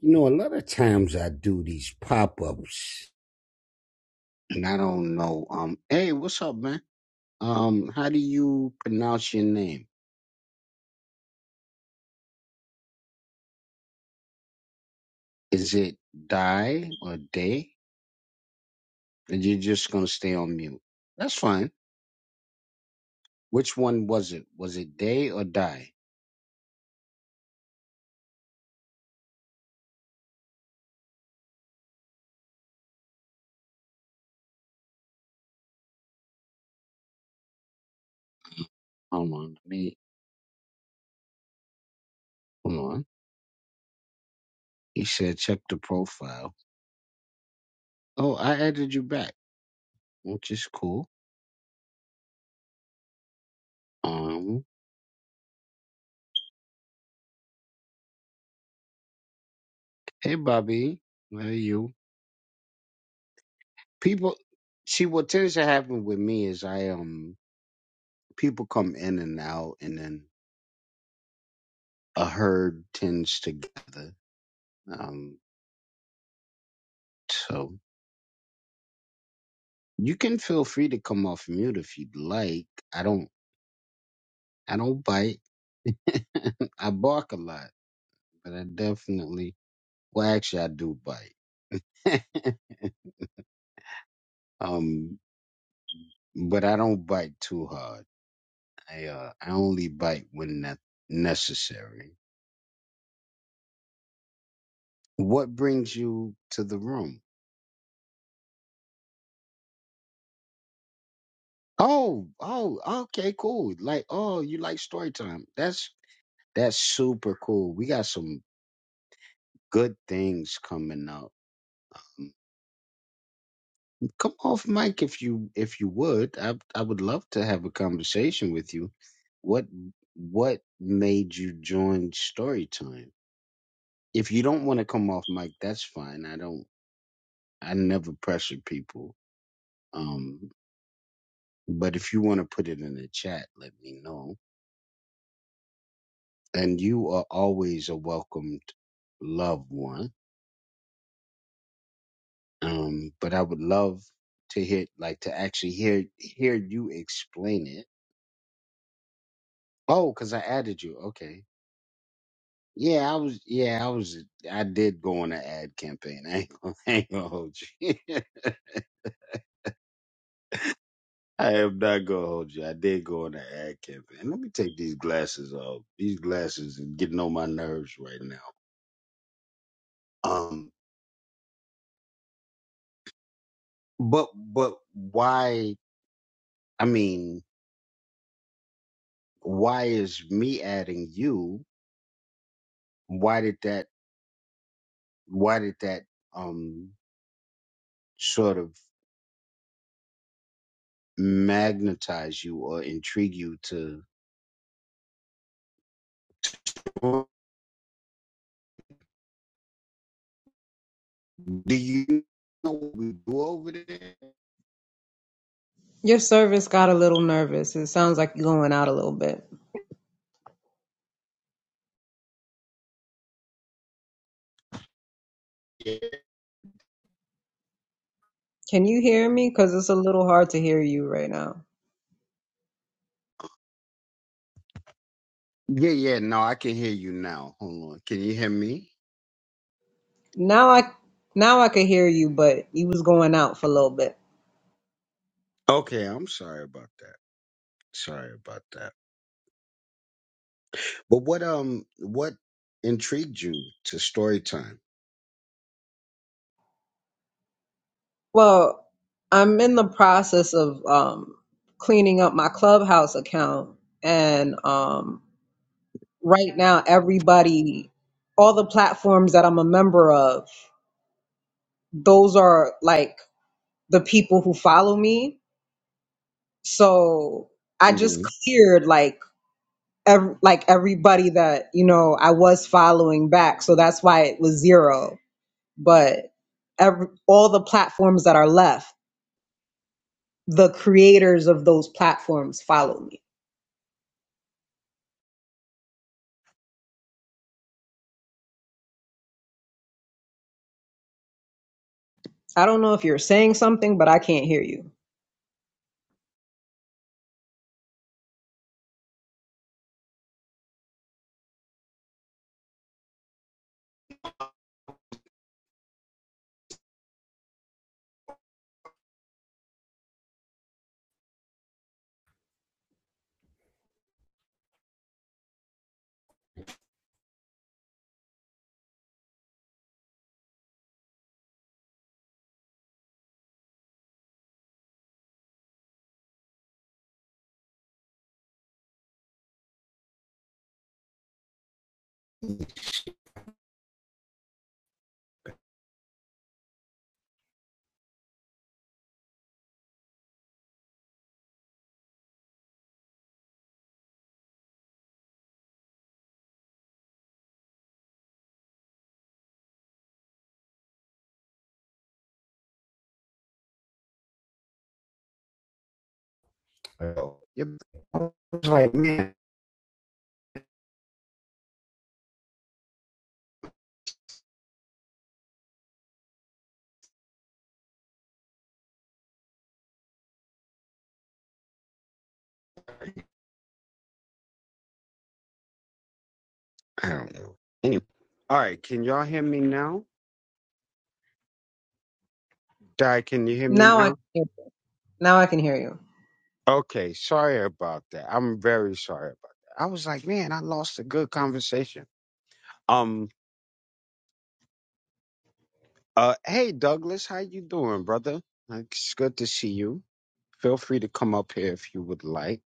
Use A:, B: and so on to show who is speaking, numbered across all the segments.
A: You know, a lot of times I do these pop ups, and I don't know. Um, hey, what's up, man? Um, how do you pronounce your name? Is it Die or Day? And you're just gonna stay on mute. That's fine. Which one was it? Was it Day or Die? Hold on, let me. Hold on. He said check the profile. Oh, I added you back, which is cool. Um, hey, Bobby, how are you? People, see what tends to happen with me is I um people come in and out, and then a herd tends to gather. Um, so you can feel free to come off mute if you'd like. I don't. I don't bite. I bark a lot, but I definitely. Well, actually, I do bite. um, but I don't bite too hard. I uh, I only bite when ne- necessary. What brings you to the room? Oh, oh, okay, cool. Like, oh, you like story time. That's That's super cool. We got some good things coming up. Come off mic if you if you would. I I would love to have a conversation with you. What what made you join Storytime? If you don't want to come off mic, that's fine. I don't I never pressure people. Um but if you want to put it in the chat, let me know. And you are always a welcomed loved one Um, but I would love to hear, like, to actually hear hear you explain it. Oh, because I added you. Okay. Yeah, I was. Yeah, I was. I did go on an ad campaign. I ain't, gonna- I ain't gonna hold you. I am not gonna hold you. I did go on an ad campaign. Let me take these glasses off. These glasses are getting on my nerves right now. Um, but but why? I mean, why is me adding you? Why did that? Why did that? Um, sort of magnetize you or intrigue you to do you know what we do over there
B: Your service got a little nervous. It sounds like you're going out a little bit.
A: yeah
B: Can you hear me? Because it's a little hard to hear you right now.
A: yeah yeah, no i can hear you now hold on can you hear me
B: Now I now I could hear you, but you was going out for a little bit.
A: okay i'm sorry about that sorry about that but what um what intrigued you to story time
B: Well, I'm in the process of um, cleaning up my clubhouse account, and um, right now everybody, all the platforms that I'm a member of, those are like the people who follow me. So I just
A: mm-hmm.
B: cleared like ev- like everybody that you know I was following back, so that's why it was zero. But every, all the platforms that are left, the creators of those platforms follow me. I don't know if you're saying something, but I can't hear you.
A: Oh, yep. i was like man i don't know anyway all right can y'all hear me now di can you hear me
B: Now
A: now
B: I can, now I can hear you.
A: Okay, sorry about that. I'm very sorry about that. I was like, man, I lost a good conversation. Um, uh, hey Douglas, how you doing, brother? Like, It's good to see you. Feel free to come up here if you would like.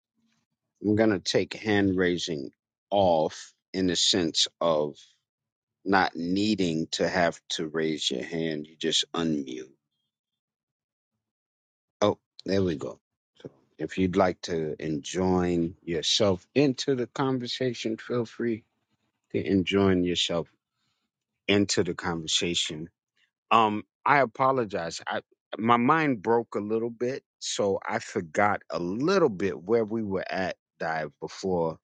A: I'm gonna take hand raising off in the sense of not needing to have to raise your hand. You just unmute. Oh, there we go. So if you'd like to enjoin yourself into the conversation, feel free. to enjoying yourself into the conversation. Um, I apologize. I my mind broke a little bit, so I forgot a little bit where we were at dive before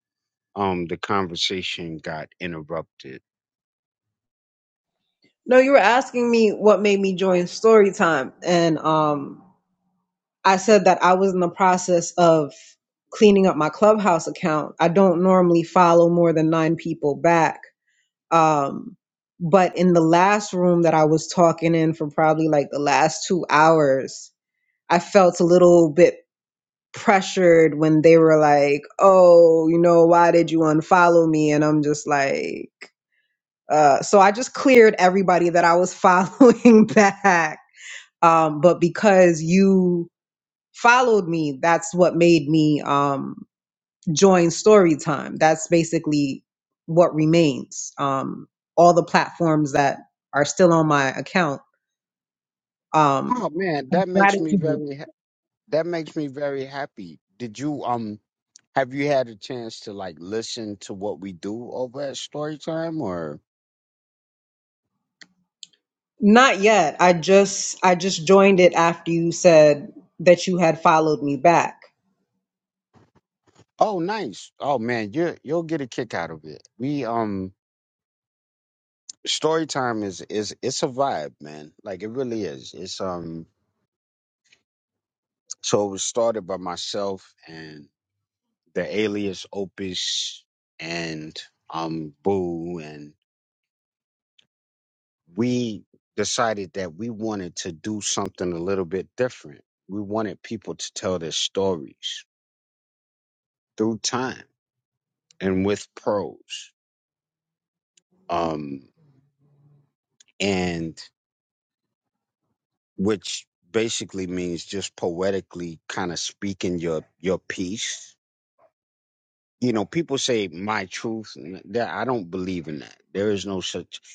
A: um the conversation got interrupted.
B: No, you were asking me what made me join Storytime, and um, I said that I was in the process of cleaning up my Clubhouse account. I don't normally follow more than nine people back Um, but in the last room that I was talking in for probably like the last two hours, I felt a little bit pressured when they were like, oh, you know, why did you unfollow me? And I'm just like, uh, so I just cleared everybody that I was following back. Um, but because you followed me, that's what made me. Um, join story time that's basically what remains um, all the platforms that are still on my account um,
A: Oh man, that makes me
B: Gratitude.
A: very ha- that makes me very happy. Did you um have you had a chance to like listen to what we do over at Storytime or
B: not yet i just i just joined it after you said that you had followed me back
A: Oh nice. Oh man, you you'll get a kick out of it. We um story time is is it's a vibe, man. Like it really is. It's um so it was started by myself and the alias Opus and um Boo and we decided that we wanted to do something a little bit different. We wanted people to tell their stories through time and with prose. Um and which basically means just poetically kind of speaking your your piece you know, people say my truth. and That I don't believe in that. There is no such.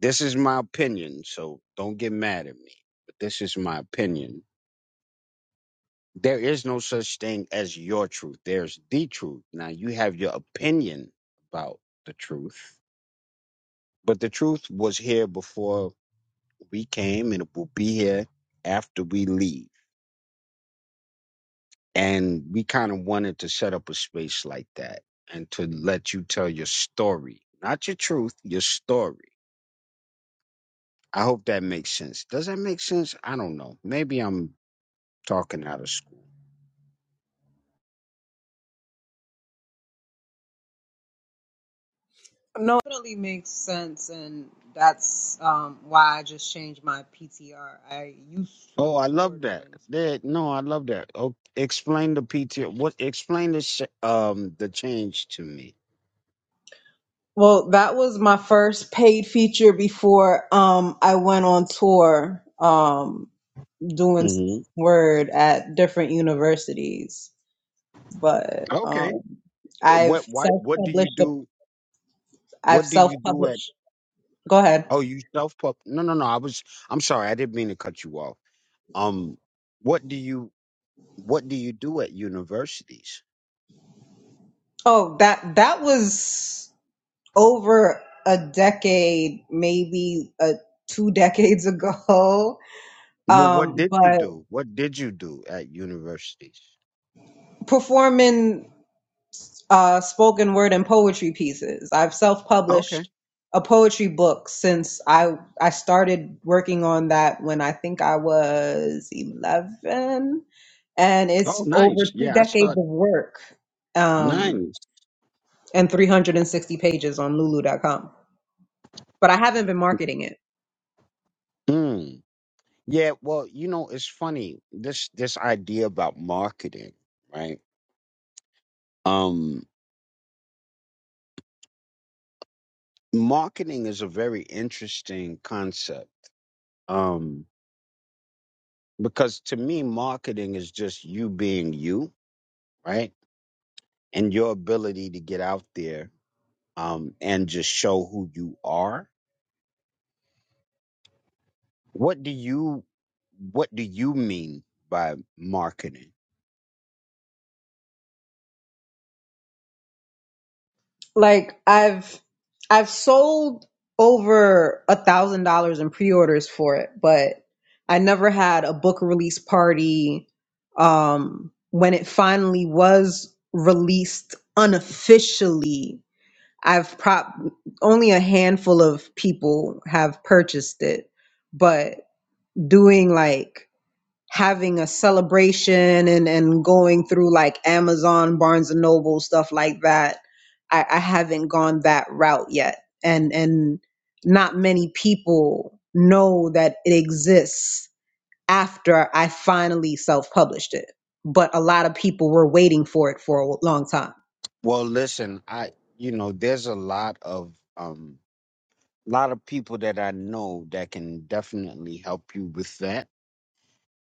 A: This is my opinion, so don't get mad at me. But this is my opinion. There is no such thing as your truth. There's the truth. Now you have your opinion about the truth, but the truth was here before we came, and it will be here after we leave. And we kind of wanted to set up a space like that and to let you tell your story, not your truth, your story I hope that makes sense. Does that make sense? I don't know. Maybe I'm talking out of school.
B: no it definitely makes sense and that's um, why i just changed my ptr i used to
A: Oh, I
B: tour
A: love that.
B: doing spoken
A: That no, I love that. Oh, explain the PTO. What? Explain the sh- um the change to me.
B: Well, that was my first paid feature before um I went on tour um doing
A: hmm
B: word at different universities. But
A: Okay.
B: um I've
A: What? What? What do you
B: self-published a,
A: do?
B: I've
A: What do you do at?
B: self-published. Go ahead.
A: Oh, you self pub? No, no, no. I was. I'm sorry. I didn't mean to cut you off. Um, what do you? What do you do at universities?
B: Oh, that that was over a decade, maybe uh two decades ago.
A: Well, what
B: Um,
A: did you
B: but
A: do? What did you do at universities?
B: performing uh, spoken word and poetry pieces. I've self-published a poetry book since I I started working on that when I think I was 11 and
A: Oh,
B: it's over
A: nice.
B: two
A: Yeah, I
B: decades
A: start.
B: of work um,
A: Nice.
B: and 360 pages on lulu.com but I haven't been marketing it.
A: Mm. Yeah. Well, you know, it's funny this this idea about marketing, right? Um, marketing is a very interesting concept. Um, because to me, marketing is just you being you, right? And your ability to get out there, um, and just show who you are. What do you What do you mean by marketing?
B: Like I've I've sold over a thousand dollars in pre-orders for it, but I never had a book release party. Um, when it finally was released unofficially, I've prop only a handful of people have purchased it, but doing like having a celebration and and going through like Amazon, Barnes and Noble, stuff like that, I, I haven't gone that route yet. And and not many people know that it exists after I finally self published it. But a lot of people were waiting for it for a long time.
A: Well, listen, I you know, there's a lot of um lot of people that I know that can definitely help you with that,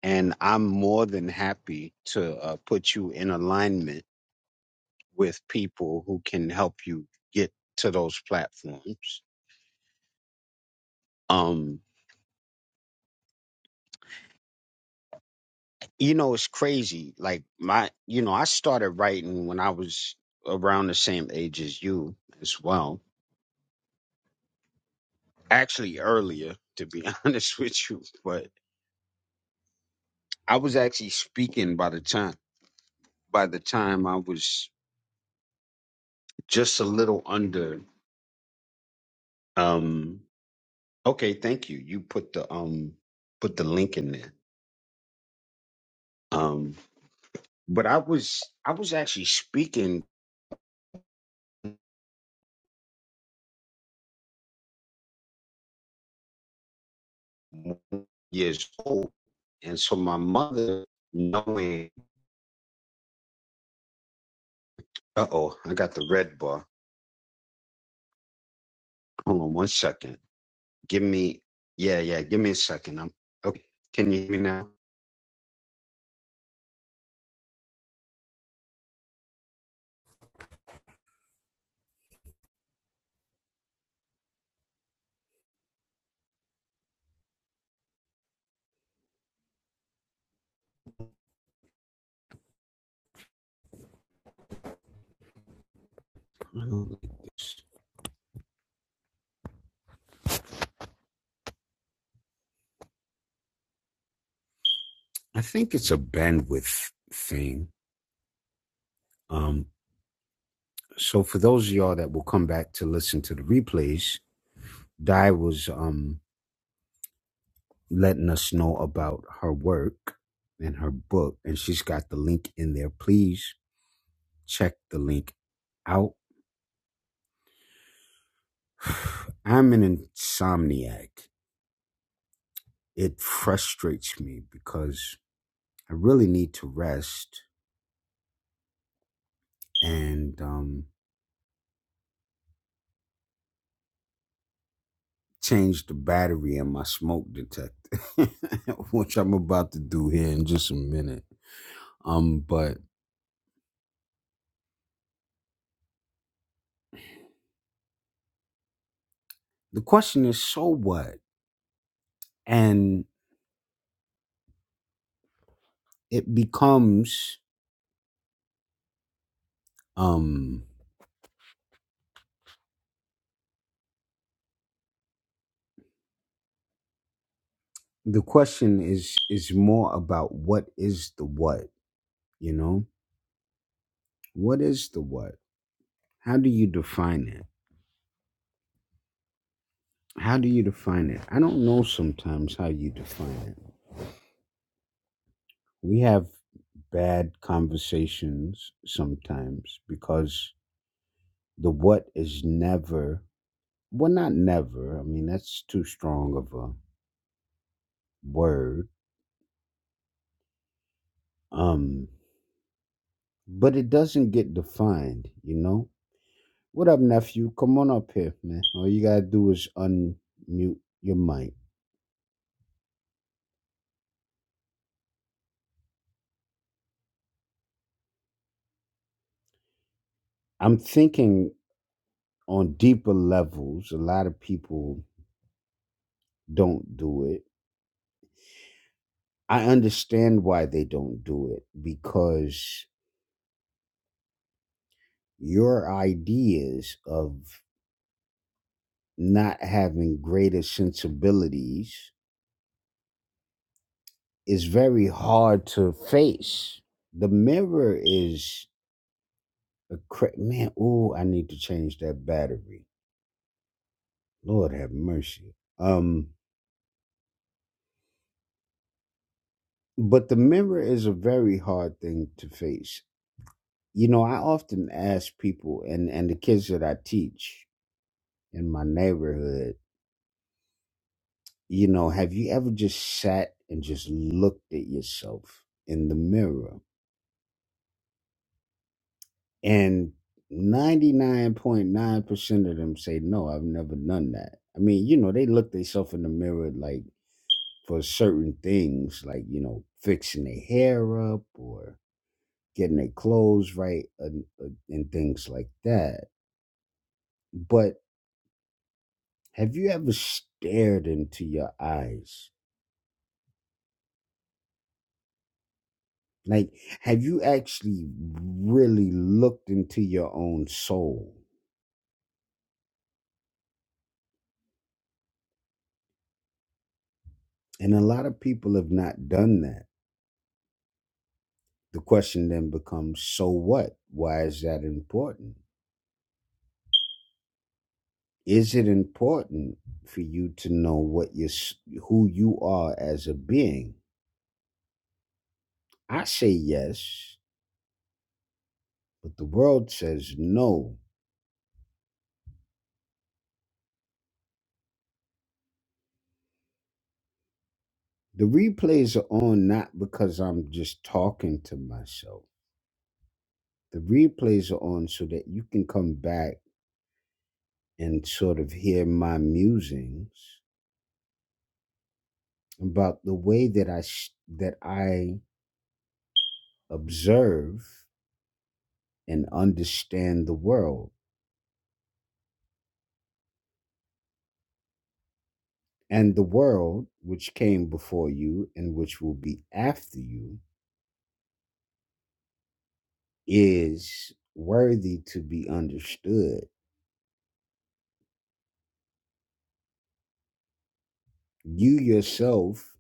A: and I'm more than happy to uh, put you in alignment with people who can help you get to those platforms. Um, you know, it's crazy. Like my, you know, I started writing when I was around the same age as you as well. Actually, earlier, to be honest with you, but I was actually speaking by the time by the time I was just a little under um okay, thank you. You put the um put the link in there. Um but I was I was actually speaking when I was years old and so my mother knowing uh oh, I got the red bar. Hold on one second. Give me yeah, yeah, give me a second. I'm okay. Can you hear me now? I think it's a bandwidth thing. Um. so for those of y'all that will come back to listen to the replays, Di was um letting us know about her work and her book, and she's got the link in there. Please check the link out. I'm an insomniac. It frustrates me because I really need to rest and um change the battery in my smoke detector, which I'm about to do here in just a minute. Um, but the question is so what and it becomes um the question is is more about what is the what you know what is the what how do you define it how do you define it i don't know sometimes how you define it we have bad conversations sometimes because the what is never well not never i mean that's too strong of a word um but it doesn't get defined, you know? What up, nephew? Come on up here, man. All you gotta do is unmute your mic. I'm thinking on deeper levels, a lot of people don't do it. I understand why they don't do it because your ideas of not having greater sensibilities is very hard to face. The mirror is a cra- man. Oh, I need to change that battery Lord have mercy. Um, but the mirror is a very hard thing to face. You know, I often ask people and, and the kids that I teach in my neighborhood, you know, have you ever just sat and just looked at yourself in the mirror? And 99.9% of them say, no, I've never done that. I mean, you know, they look themselves in the mirror like for certain things, like, you know, fixing their hair up or getting their clothes right and, uh, and things like that. But have you ever stared into your eyes? Like, have you actually really looked into your own soul? And a lot of people have not done that. The question then becomes so what? Why is that important? Is it important for you to know what you s who you are as a being? I say yes, but the world says no The replays are on not because I'm just talking to myself. The replays are on so that you can come back and sort of hear my musings about the way that I s- that I observe and understand the world. And the world which came before you and which will be after you is worthy to be understood. You yourself,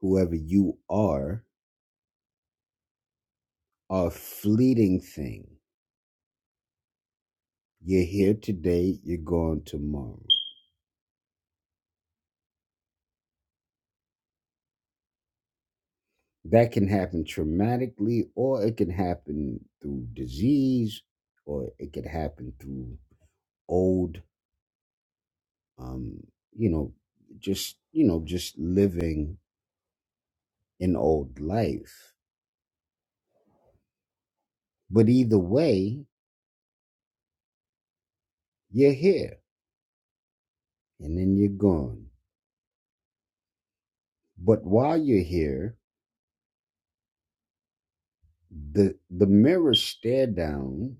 A: whoever you are, are a fleeting thing. You're here today, you're gone tomorrow. That can happen traumatically, or it can happen through disease, or it could happen through old, um, you know, just, you know, just living an old life. But either way, you're here and then you're gone. But while you're here, the the mirror stare down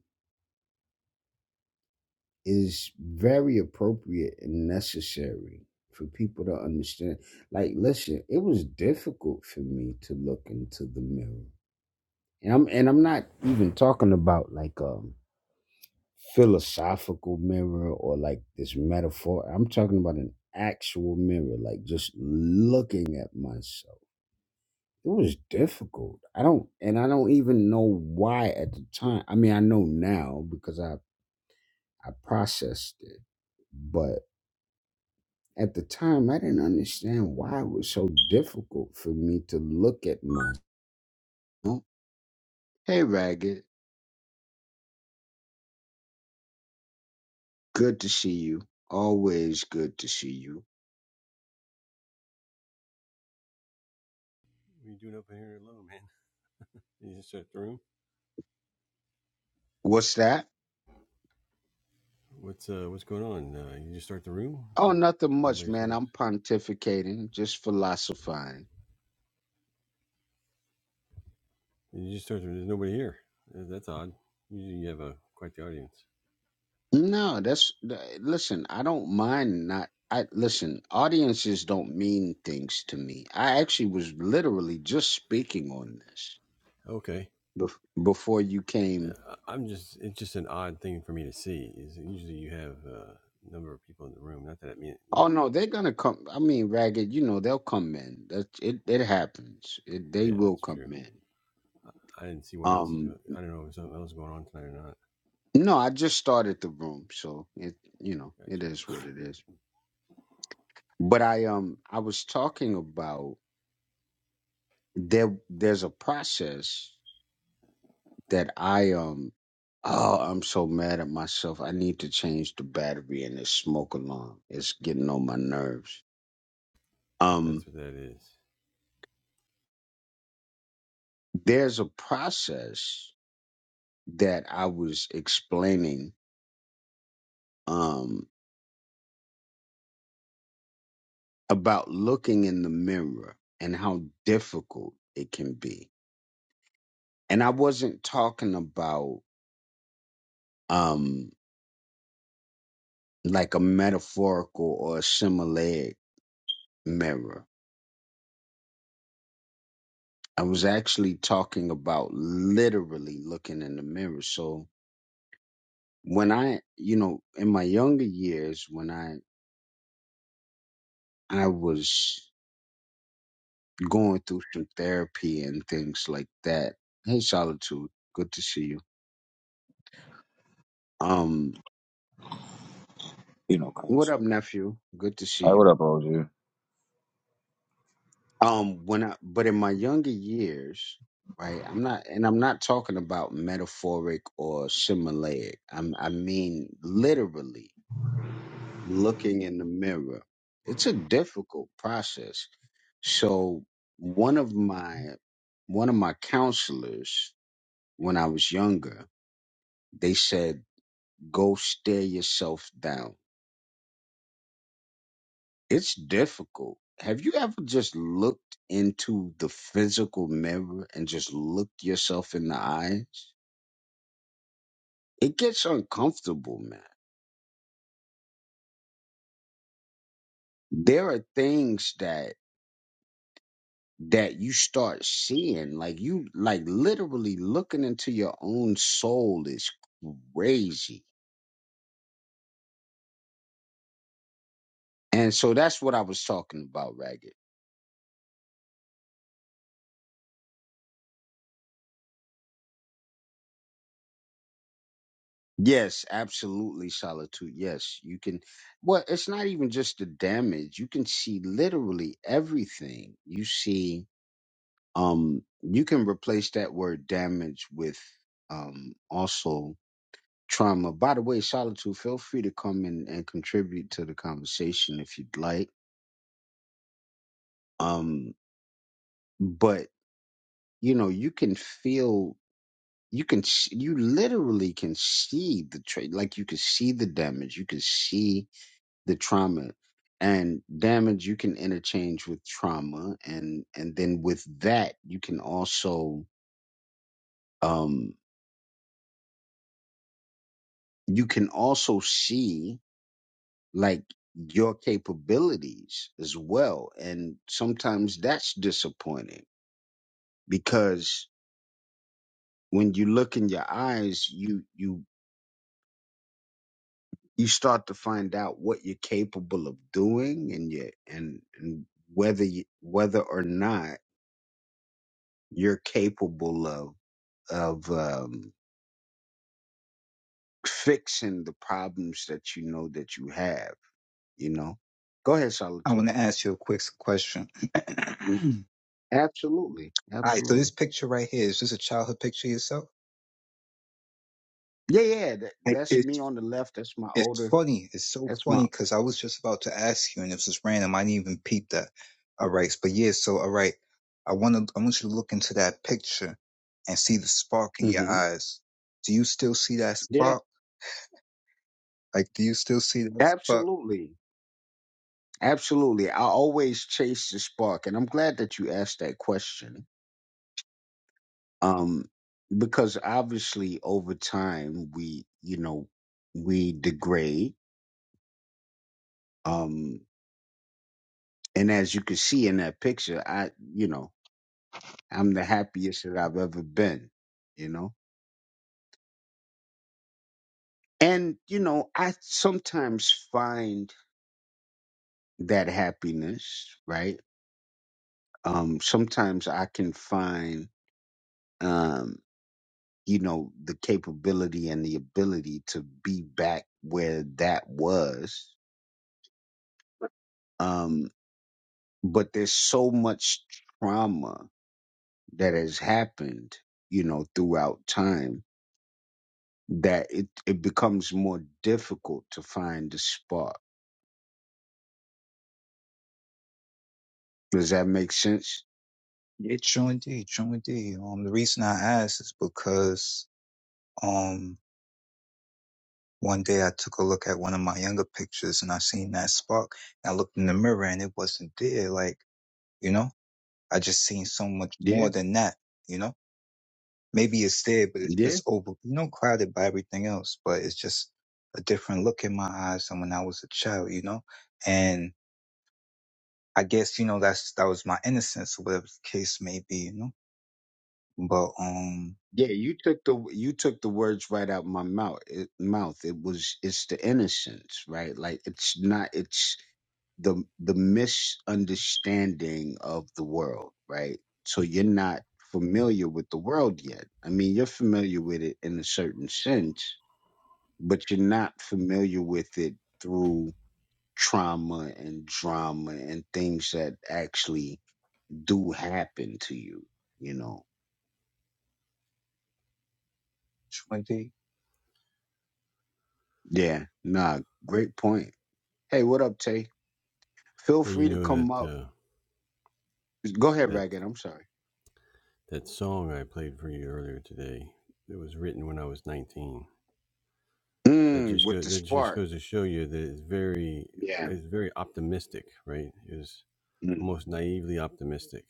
A: is very appropriate and necessary for people to understand. Like, listen, it was difficult for me to look into the mirror. And I'm and I'm not even talking about like a philosophical mirror or like this metaphor. I'm talking about an actual mirror, like just looking at myself. It was difficult. I don't and I don't even know why at the time. I mean, I know now because I I processed it. but. At the time, I didn't understand why it was so difficult for me to look at myself. Hey, Ragged, good to see you. Always good to see you.
C: What are you doing up in here alone, man? You just start the room.
A: What's that?
C: What's uh what's going on? Uh, you just start the room
A: Oh, nothing
C: all by
A: much, man.
C: yourselves.
A: I'm pontificating, just philosophizing.
C: You just start the There's nobody here. Uh, That's odd. Usually you have a quite the audience.
A: No, that's th- listen. I don't mind not. I listen. Audiences don't mean things to me. I actually was literally just speaking on this
C: Okay.
A: bef- before you
C: Yeah,
A: came
C: I- am just it's just an odd thing for me to see. Is usually you have uh, a number of people in the room. Not that I mean you
A: Oh
C: know.
A: no, they're gonna come. I mean, ragged. You know, they'll come in. That it. It happens. It, they
C: Yeah,
A: will
C: that's
A: come
C: true.
A: in.
C: I, I didn't see what else is.
A: Um.
C: Going, I don't know if there's something else going on tonight or not.
A: No, I just started the room, so it. You know, it
C: Gotcha.
A: is what it is. But I um, I was talking about there. There's a process that I um. Oh, I'm so mad at myself. I need to change the battery in this smoke alarm. It's getting on my nerves. Um,
C: That's what that is.
A: there's a process that I was explaining um, about looking in the mirror and how difficult it can be. And I wasn't talking about um, like a metaphorical or a similar mirror. I was actually talking about literally looking in the mirror. So when I, you know, in my younger years, when I I was going through some therapy and things like that. Hey, solitude, good to see you. Um,
D: You know,
A: what
D: cause
A: up, nephew? Good to see
D: Hey,
A: you
D: what up, OG?
A: Um, when I but in my younger years, right? I'm not, and I'm not talking about metaphoric or similaric. I'm, I mean literally looking in the mirror. It's a difficult process. So one of my one of my counselors when I was younger, they said, "Go stare yourself down." It's difficult. Have you ever just looked into the physical mirror and just looked yourself in the eyes? It gets uncomfortable, man. There are things that that you start seeing like you like literally looking into your own soul is crazy. And so that's what I was talking about, Ragged. Yes, absolutely, solitude. Yes, you can. Well, it's not even just the damage. You can see literally everything. You see, um, you can replace that word damage with, um, also trauma. By the way, solitude, feel free to come in and contribute to the conversation if you'd like. Um, but you know, you can feel. You can, s- you literally can see the trait, like you can see the damage. You can see the trauma and damage you can interchange with trauma and and then with that you can also um you can also see like your capabilities as well and sometimes that's disappointing because when you look in your eyes you you you start to find out what you're capable of doing and you and, and whether you, whether or not you're capable of of um fixing the problems that you know that you have, you know? Go ahead,
E: I
A: Solitude.
E: want to ask you a quick question. All
A: Absolutely.
E: right, so
A: Absolutely.
E: this picture right here is this a childhood picture of yourself?
A: Yeah, yeah. That,
E: It-
A: that's me
E: It's
A: on the left. That's my
E: it's
A: older.
E: funny. It's so
A: That's
E: funny
A: my.
E: because I was just about to ask you, and it was just random. I didn't even peep that. All right, but yeah. So all right, I want to. I want you to look into that picture and see the spark in your
A: hmm
E: eyes. Do you still see that
A: Yeah.
E: spark? Like, do you still see that spark?
A: Absolutely. Absolutely. I always chase the spark. And I'm glad that you asked that question. Um, because obviously over time we, you know, we degrade. Um, and as you can see in that picture, I, you know, I'm the happiest that I've ever been, you know? And, you know, I sometimes find that happiness, right? Um, sometimes I can find, um, you know, the capability and the ability to be back where that was. Um, but there's so much trauma that has happened, you know, throughout time that it, it becomes more difficult to find the spark. Does that make sense?
E: Yeah, John D. John D. Um, the reason I asked is because um One day I took a look at one of my younger pictures and I seen that spark. And I looked in the mirror and it wasn't there. Like, you know, I just seen so much
A: Yeah,
E: more than that, you know? Maybe it's there, but it's
A: yeah,
E: just over, you know, crowded by everything else, but it's just a different look in my eyes than when I was a child, you know? And I guess, you know, that's, that was my innocence, or whatever the case may be, you know? But, um,
A: yeah. You took the you took the words right out my mouth. It, mouth. It was it's the innocence, right? Like it's not. It's the the misunderstanding of the world, right? So you're not familiar with the world yet. I mean, you're familiar with it in a certain sense, but you're not familiar with it through trauma and drama and things that actually do happen to you. You know,
E: 20,
A: Yeah, nah, great point. Hey, what up, Tay? Feel
C: And you
A: free to
C: know
A: come
C: that
A: up.
C: uh,
A: Go ahead,
C: that
A: Ragged. I'm sorry.
C: That song I played for you earlier today, it was written when I was 19. That
A: Mm,
C: just
A: with
C: goes
A: the
C: that just
A: spark.
C: goes to show you that it's very
A: Yeah.
C: it's very optimistic, right? It was
A: Mm.
C: almost naively optimistic,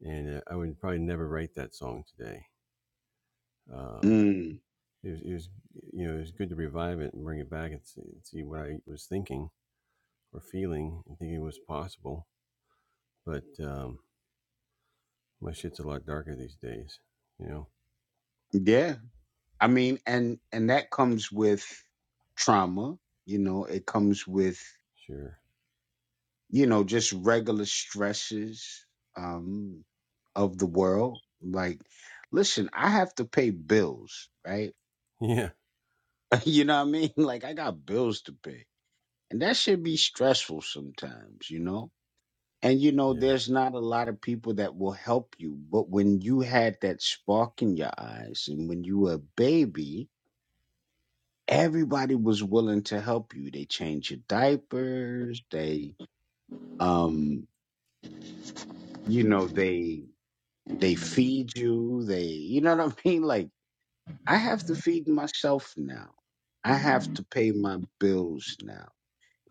C: and uh, I would probably never write that song today. Um,
A: Mm.
C: it, was, it was you know it was good to revive it and bring it back and see, and see what I was thinking or feeling and thinking was possible. But um, my shit's a lot darker these days, you know.
A: Yeah. I mean, and and that comes with trauma. You know, it comes with
C: Sure.
A: you know just regular stresses um, of the world. Like, listen, I have to pay bills, right?
C: Yeah.
A: you know what I mean? Like, I got bills to pay, and that should be stressful sometimes. You know And you know,
C: Yeah.
A: there's not a lot of people that will help you, but when you had that spark in your eyes and when you were a baby, everybody was willing to help you. They change your diapers, they um, you know, they they feed you, they you know what I mean? Like I have to feed myself now. I have to pay my bills now.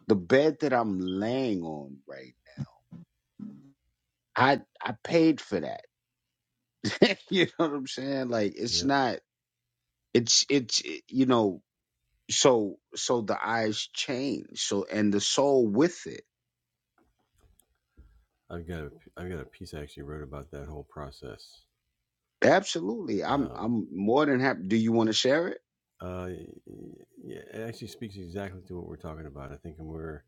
A: The bed that I'm laying on right now, I I paid for that. you know what I'm saying? Like it's
C: Yeah.
A: not it's it's it- you know so so the eyes change so and the soul with it
C: I've got a I've got a piece I actually wrote about that whole process.
A: absolutely i'm
C: Um,
A: i'm more than happy do you want to share it
C: uh, yeah, it actually speaks exactly to what we're talking about. I think, and we're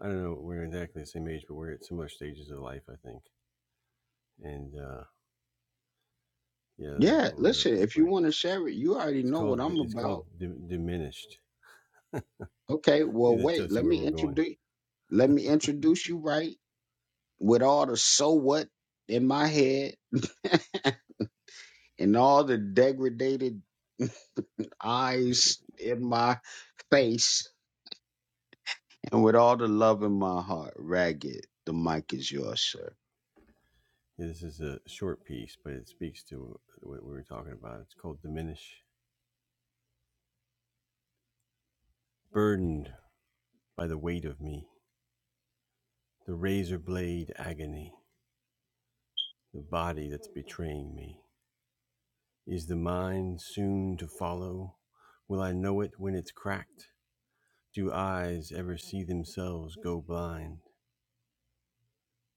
C: I don't know we're exactly the same age, but we're at similar stages of life. I think, and uh, yeah, let me
A: yeah
C: pull it up
A: listen
C: real
A: if you
C: quick.
A: want to share it you already
C: It's
A: know what
C: called
A: i'm
C: it's
A: about
C: called D- diminished.
A: okay well
C: that
A: wait
C: tells you
A: let
C: where
A: me
C: we're going.
A: introduce let me introduce you right with all the so what in my head and all the degraded
C: This, sh-
A: eyes in my face And with all the love in my heart, Ragged, the mic is yours, sir.
C: yeah, this is a short piece, but it speaks to what we were talking about. It's called diminish, burdened by the weight of me, the razor blade agony. The body that's betraying me. Is the mind soon to follow? Will I know it when it's cracked? Do eyes ever see themselves go blind?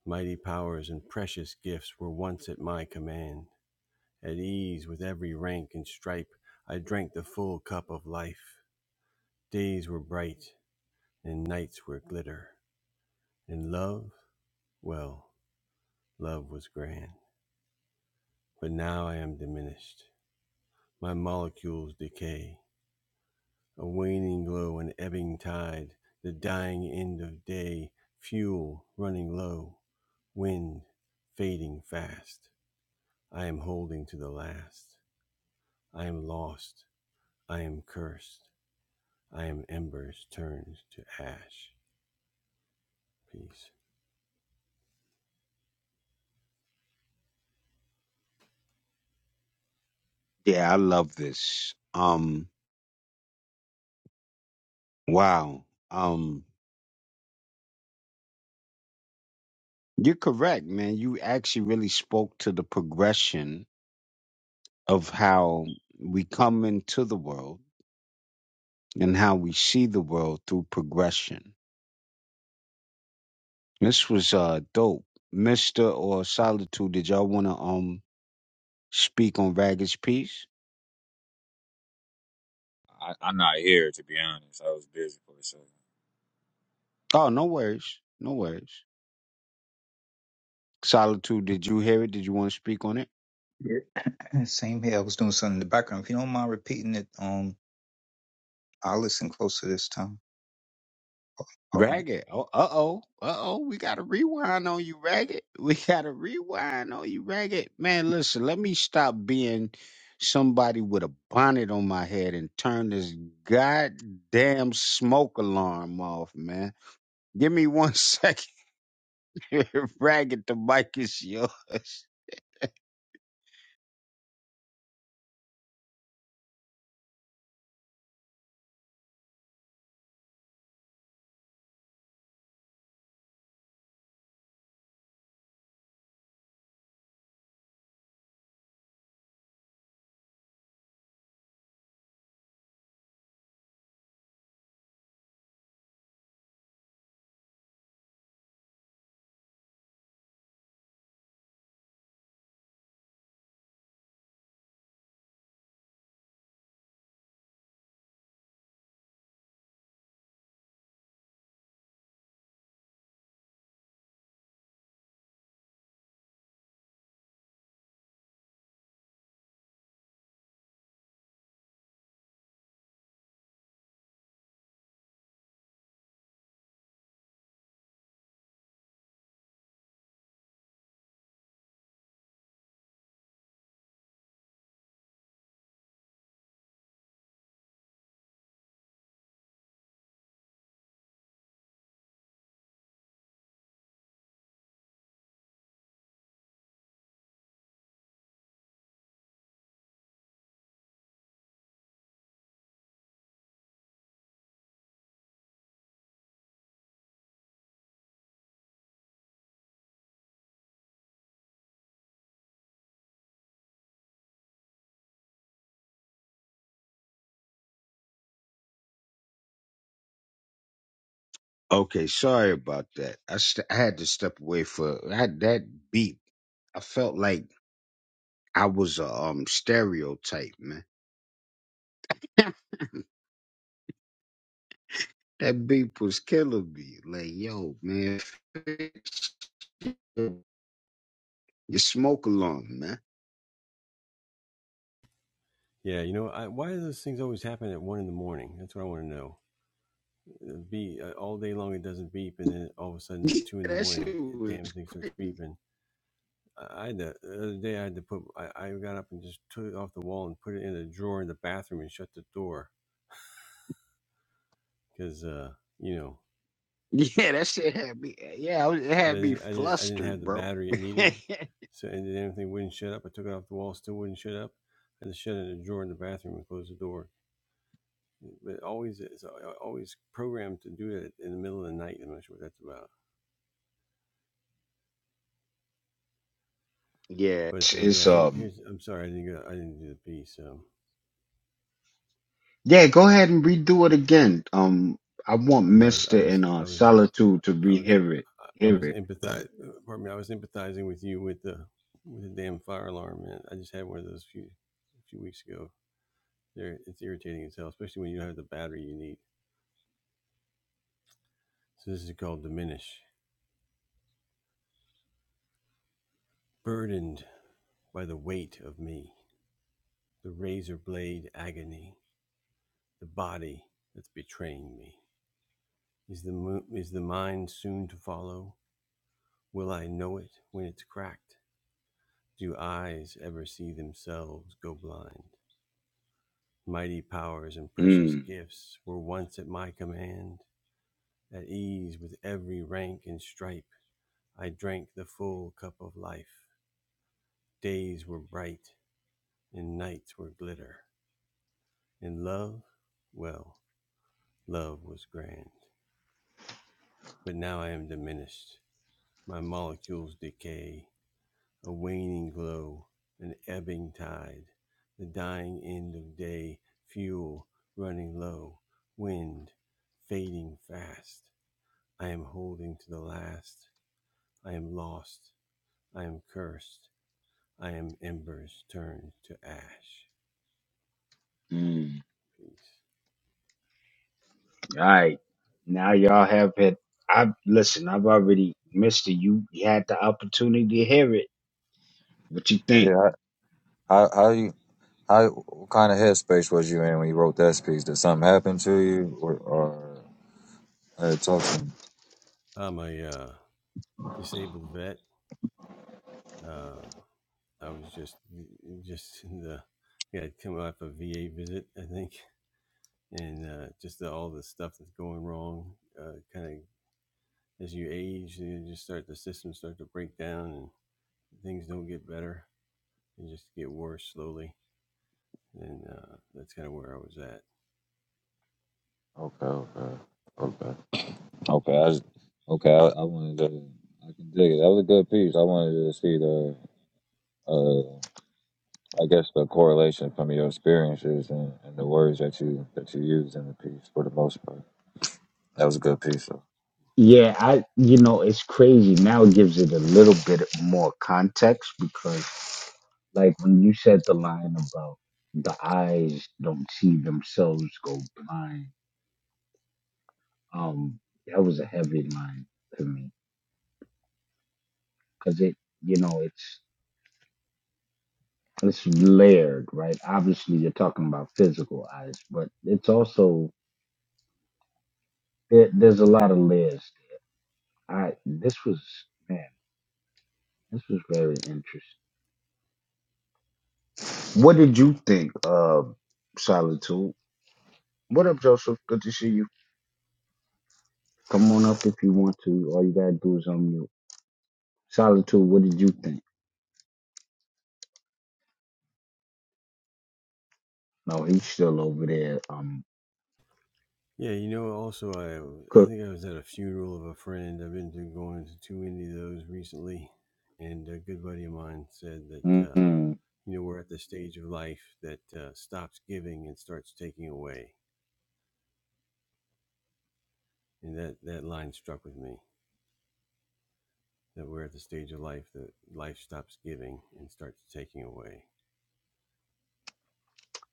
C: Mighty powers and precious gifts were once at my command. At ease with every rank and stripe, I drank the full cup of life. Days were bright, and nights were glitter. And love, well, love was grand. But now I am diminished. My molecules decay. a waning glow, an ebbing tide, the dying end of day, fuel running low, wind fading fast. I am holding to the last. I am lost. I am cursed. I am embers turned to ash. Peace.
A: Yeah, I love this. Um, wow. Um, you're correct, man. You actually really spoke to the progression of how we come into the world and how we see the world through progression. This was uh dope. Mister or Solitude, did y'all wanna um speak on Ragged's piece?
D: I, am not here to be honest. I was busy for a second.
A: Oh, no worries. No worries. Solitude, did you hear it? Did you want to speak on it?
E: yeah. same here. I was doing something in the background. If you don't mind repeating it, um, I'll listen closer this time. Pardon me.
A: Ragged. Oh, uh oh. Uh oh. We got to rewind on you, Ragged. We got to rewind on you, Ragged. Man, listen, let me stop being somebody with a bonnet on my head and turn this goddamn smoke alarm off, man. Give me one second here, Ragged. The mic is yours. Okay, sorry about that. I, st- I had to step away for I, that beep. I felt like I was a um stereotype, man. That beep was killing me. Like, yo, man, fix your smoke alarm, man.
C: Yeah, you know, I, why do those things always happen at one in the morning? That's what I want to know. It'll Be uh, all day long it doesn't beep, and then all of a sudden at two in the
A: that
C: morning,
A: shit
C: it
A: was
C: damn thing starts
A: crazy.
C: beeping. I had to, the other day I had to put I, I got up and just took it off the wall and put it in a drawer in the bathroom and shut the door because uh, you know
A: Yeah, that shit had me. Yeah, I was- it
C: because
A: had
C: I
A: me
C: didn't I didn't I didn't have
A: flustered,
C: the
A: bro.
C: battery it
A: yeah,
C: needed so and then everything wouldn't shut up I took it off the wall still wouldn't shut up I just shut it in a drawer in the bathroom and closed the door but always it's uh, always programmed to do it in the middle of the night I'm not sure what that's about
A: it's,
C: but uh,
A: it's,
C: yeah here,
A: um.
C: here's I'm sorry I didn't go I didn't do the piece um,
A: Yeah, go ahead and redo it again. Um, I want
C: yeah I was I
A: Mister and
C: was
A: uh
C: I was
A: Solitude to
C: I was
A: rehear it.
C: I
A: Hear
C: was
A: it.
C: empathize. Pardon me. I was empathizing with you with the with the damn fire alarm, man. I just had one of those few a few weeks ago. There, it's irritating as hell, especially when you don't have the battery you need. So this is called diminish. Burdened by the weight of me, the razor blade agony, the body that's betraying me. Is the mo- is the mind soon to follow? Will I know it when it's cracked? Do eyes ever see themselves go blind? Mighty powers and precious
A: Mm,
C: gifts were once at my command. At ease with every rank and stripe, I drank the full cup of life. Days were bright and nights were glitter. And love, well, love was grand. But now I am diminished. My molecules decay, a waning glow, an ebbing tide, the dying end of day, fuel running low, wind fading fast I am holding to the last. I am lost. I am cursed. I am embers turned to ash.
A: mm.
C: Peace.
A: All right. Now y'all have had. I listen. I've already, Mister. You had the opportunity to hear it What you think?
D: Yeah, how how you how what kind of headspace was you in when you wrote that piece? Did something happen to you, or, or uh, talk to him?
C: I'm a uh, disabled vet. Uh, I was just just in the yeah, I'd come off a VA visit, I think, and uh, just the, all the stuff that's going wrong. Uh, kind of as you age, you just start the systems start to break down, and things don't get better. They just get worse slowly, and uh, that's kind of where I was at
D: Okay, okay, okay, okay. I just, okay, I, I wanted to. I can dig it. That was a good piece. I wanted to see the, uh, I guess the correlation from your experiences and, and the words that you that you used in the piece for the most part. That was a good piece.
A: Yeah, I you know it's crazy. Now it gives it a little bit more context because like when you said the line about the eyes don't see themselves go blind, um, that was a heavy line to me because it, you know, it's it's layered, right? Obviously, you're talking about physical eyes, but it's also there, there's a lot of layers. I this was man, this was very interesting. What did you think of Solitude? What up, Joseph? Good to see you. Come on up if you want to. All you gotta do is unmute. Solitude, what did you think? No, he's still over there. Um,
C: Yeah, you know, also I I
A: cook.
C: think I was at a funeral of a friend. I've been to going to too many of those recently, and a good buddy of mine said that uh,
A: Mm-mm.
C: you know we're at the stage of life that uh, stops giving and starts taking away, and that that line struck with me. That we're at the stage of life that life stops giving and starts taking away.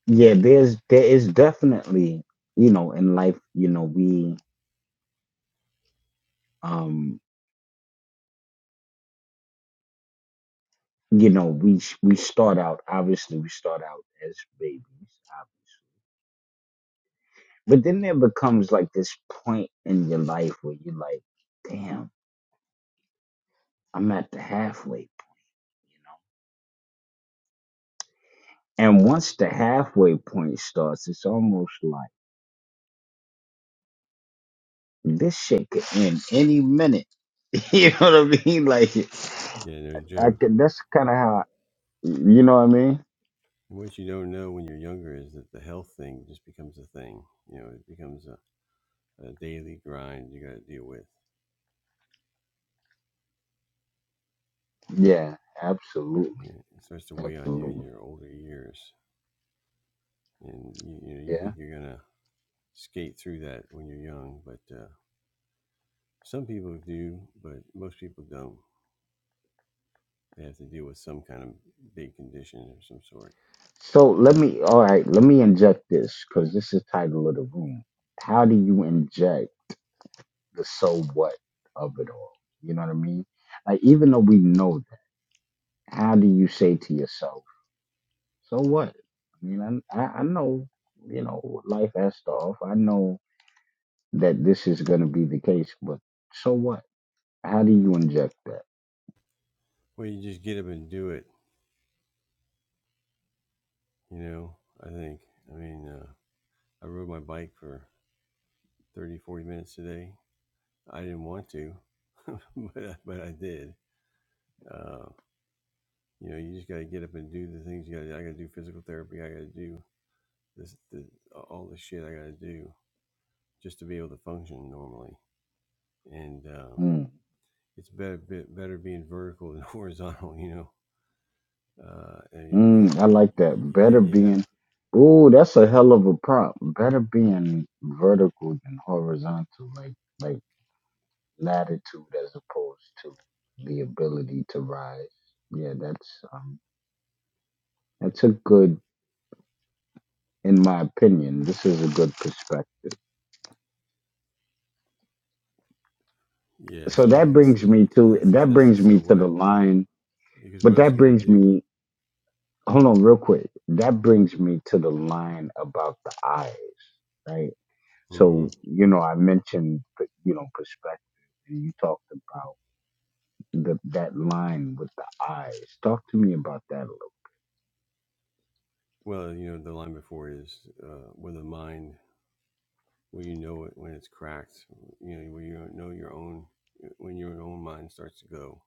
A: Yeah, there's there is definitely you know in life you know we um you know we we start out obviously we start out as babies, uh, but then there becomes like this point in your life where you're like, damn, I'm at the halfway point And once the halfway point starts, it's almost like this shit could end any minute. You know what I mean? Like,
C: Yeah, no
A: I
C: joke.
A: could, that's kind of how, you know what I mean?
C: And what you don't know when you're younger is that the health thing just becomes a thing. You know, it becomes a, a daily grind you got to deal with.
A: Yeah, absolutely.
C: Yeah, it starts to weigh on you in
A: Absolutely.
C: your older years, and you, you know you
A: Yeah.
C: think you're gonna skate through that when you're young, but uh, some people do, but most people don't. They have to deal with some kind of big condition of some sort.
A: So let me, all right, let me inject this because this is title of the room. How do you inject the so what of it all? You know what I mean? Like, even though we know that, how do you say to yourself, So what? I mean, I, I I know, you know, life has stuff. I know that this is going to be the case, but so what? How do you inject that?
C: Well, you just get up and do it. You know, I think. I mean, uh, I rode my bike for 30, 40 minutes today. I didn't want to, but I, but I did. Uh, you know, you just got to get up and do the things you got. to do. I got to do physical therapy. I got to do this, this all the shit I gotta do just to be able to function normally. And uh,
A: Mm,
C: it's better better being vertical than horizontal, you know. Uh, and
A: mm, I like
C: you,
A: that.
C: you,
A: Better
C: you have
A: being, ooh, that's a hell of a prompt. Better being vertical than horizontal, like like latitude as opposed to the ability to rise. Yeah, that's um, that's a good, in my opinion, this is a good perspective.
C: yeah.
A: so
C: So I
A: that
C: think this
A: brings me to
C: this is
A: that
C: that's the
A: brings
C: so
A: me to
C: what
A: the line
C: because what
A: but
C: else
A: that
C: you gotta
A: brings
C: do?
A: me hold on real quick that brings me to the line about the eyes right
C: hmm
A: so you know i mentioned you know perspective and you talked about the, that line with the eyes talk to me about that a
C: Well, you know the line before is uh, with the mind when you know it when it's cracked, you know when you know your own when your own mind starts to go,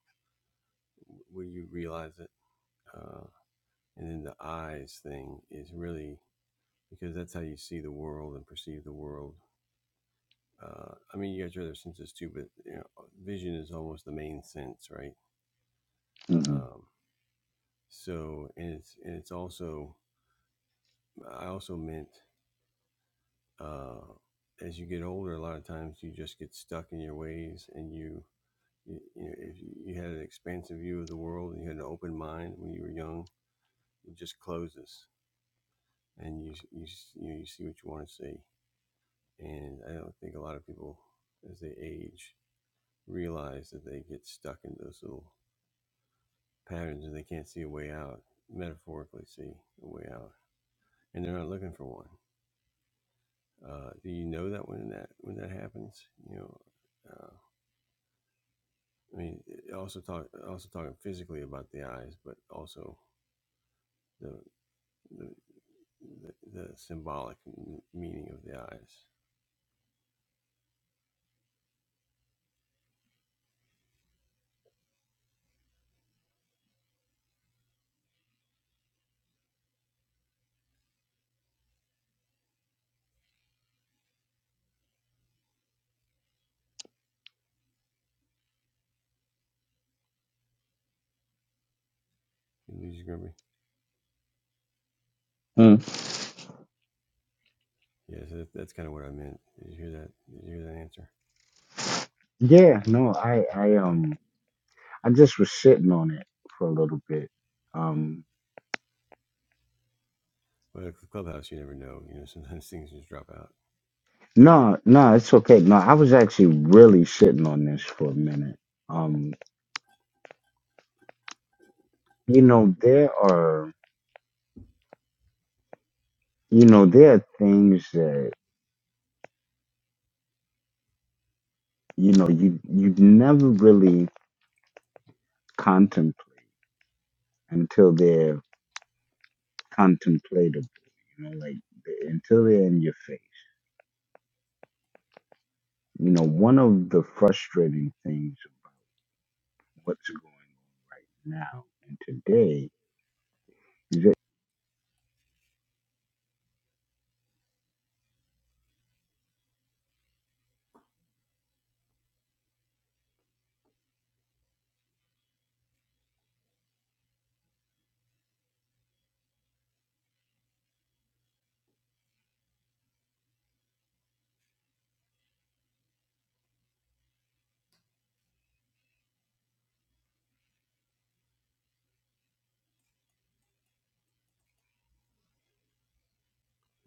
C: when you realize it. uh, And then the eyes thing is really because that's how you see the world and perceive the world. Uh, I mean, you got your other senses too, but you know, uh, vision is almost the main sense, right?
A: little
C: Um, so, and it's and it's also I also meant uh, as you get older, a lot of times you just get stuck in your ways, and you you, you know, if you had an expansive view of the world and you had an open mind when you were young, it just closes, and you you you, know, you see what you want to see and I don't think a lot of people, as they age, realize that they get stuck in those little patterns and they can't see a way out. Metaphorically, see a way out, and they're not looking for one. Uh, do you know that when that when that happens? You know, uh, I mean, it also talk also talking physically about the eyes, but also the the the, the symbolic m- meaning of the eyes. You lose your Grimby?
A: hmm
C: Yeah, so that, that's kind of what I meant. Did you hear that? Did you hear that answer?
A: yeah no i i
C: Okay.
A: um i just was sitting on it for a little bit Um.
C: But at the Clubhouse, you never know. You know, sometimes things just drop out.
A: No, no, it's okay. No, I was actually really shitting on this for a minute. Um, you know, there are, you know, there are things that, you know, you you never really contemplate until they're contemplatable, you know, like the- until they're in your face. You know, one of the frustrating things of what's going now and today is that,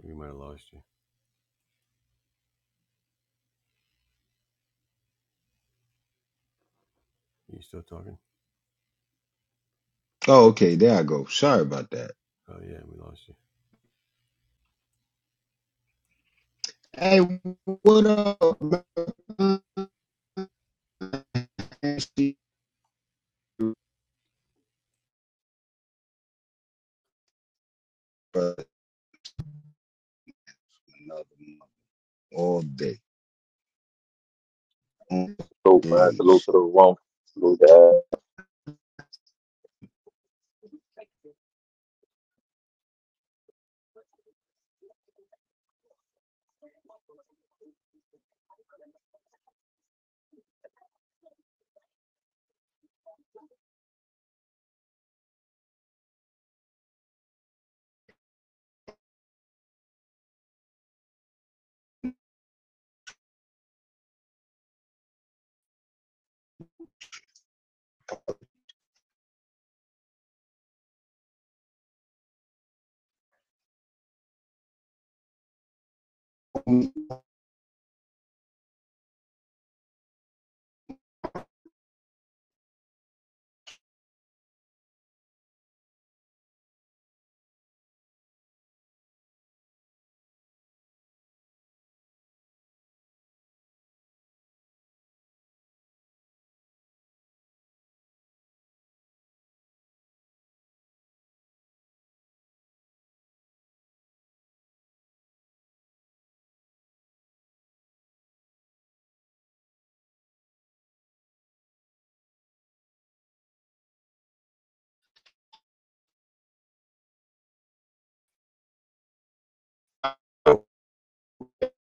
C: We might have lost you. Are you still talking?
A: oh, okay, there I go. Sorry about that.
C: Oh yeah, we lost you.
A: Hey, what up? man? another month all day, all
F: Salute, man. Salute
A: days.
F: to the room. Salute to, uh,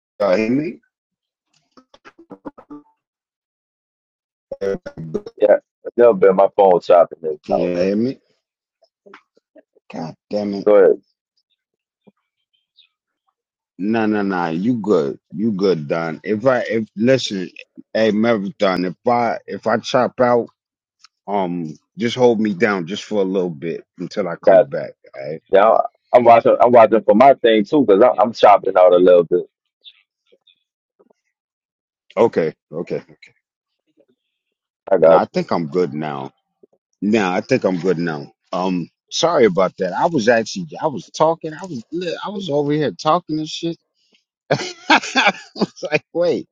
A: Y'all hear me? Can
F: yeah. It's never been my phone chopping this
A: you
F: out, man.
A: hear me? God damn it.
F: Go ahead.
A: No, no, no. You good. You good, Don. If I if listen, hey Marathon, if I if I chop out, um just hold me down just for a little bit until I
F: Got
A: come
F: you.
A: back. All right.
F: yeah. I'm watching. I'm watching for my thing too, cause I'm, I'm chopping out a little bit.
A: Okay, okay.
F: I
A: Now
F: got
A: I
F: you.
A: think I'm good now. Now I think I'm good now. Um, sorry about that. I was actually I was talking. I was li- I was over here talking and shit. I was like, wait.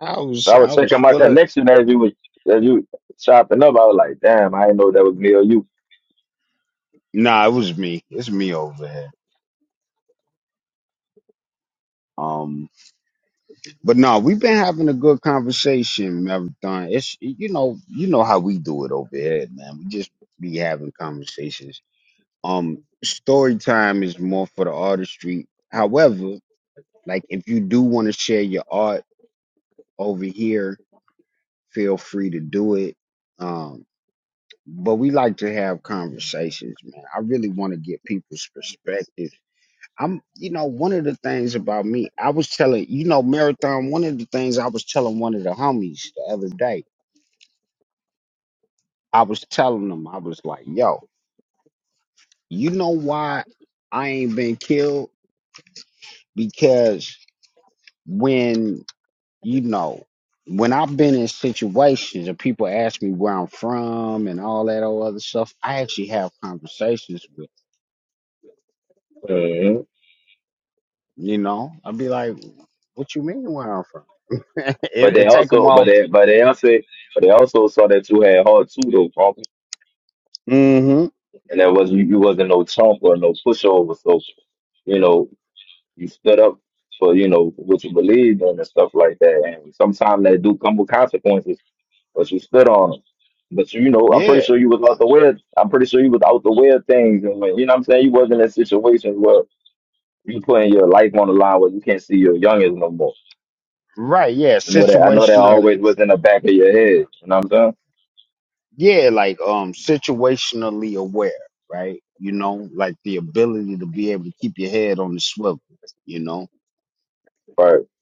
A: I was
F: I was
A: I was
F: checking my
A: feeling.
F: connection as you was as you chopping up. I was like, damn, I didn't know that was me or you.
A: Nah, it was me. It's me over here. Um, but no, we've been having a good conversation, marathon. It's you know you know how we do it over here, man. We just be having conversations. Um, story time is more for the artistry. However, like if you do want to share your art over here feel free to do it. Um, but we like to have conversations, man. I really want to get people's perspectives. I'm, you know, one of the things about me, I was telling, you know, Marathon, one of the things I was telling one of the homies the other day, I was telling them, I was like, yo, you know why I ain't been killed? Because when, you know, when I've been in situations and people ask me where I'm from and all that old other stuff, I actually have conversations with.
F: Mhm.
A: You know, I'd be like, "What you mean where I'm from?" it,
F: But they
A: it take them
F: also, but
A: off.
F: they, but they also, but they also saw that you had hard too, though, bro.
A: Mm-hmm.
F: And that was you, you wasn't no chump or no pushover. So you know. you stood up for you know what you believed in and stuff like that. And sometimes that do come with consequences, but you stood on them. But you know, I'm
A: Yeah.
F: pretty sure you was out the way. of- I'm pretty sure you was out the way of things, and when, you know what I'm saying you wasn't in situations where you putting your life on the line where you can't see your youngest no more.
A: Right. Yeah.
F: I know that. I know that
A: Situationally.
F: always was in the back of your head. You know what I'm saying?
A: Yeah. Like um, situationally aware. Right. You know, like the ability to be able to keep your head on the swivel. You know.
F: Right.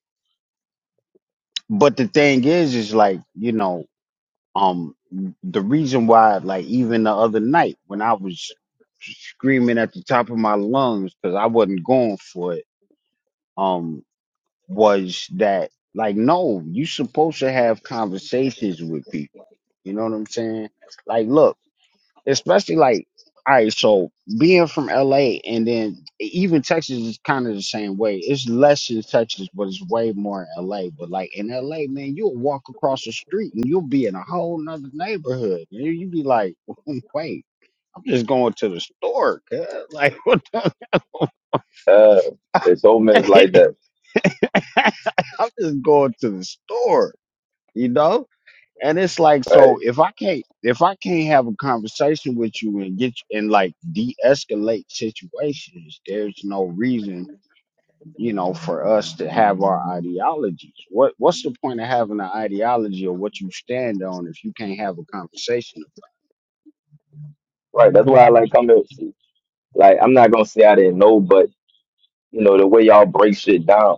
A: But the thing is, is like you know, um, the reason why, like even the other night when I was screaming at the top of my lungs because I wasn't going for it. um, was that like no you supposed to have conversations with people you know what i'm saying like look especially like all right so being from la and then even texas is kind of the same way it's less in texas but it's way more in la but like in la man you'll walk across the street and you'll be in a whole nother neighborhood and you be like wait i'm just going to the store cuz. like what the
F: Uh, it's so much like that.
A: I'm just going to the store, you know? and it's like
F: Right.
A: so if i can't if i can't have a conversation with you and get you and like de-escalate situations there's no reason you know for us to have our ideologies what what's the point of having an ideology or what you stand on if you can't have a conversation
F: Right. That's why I like coming. Like I'm not gonna say I didn't know, but you know the way y'all break shit down.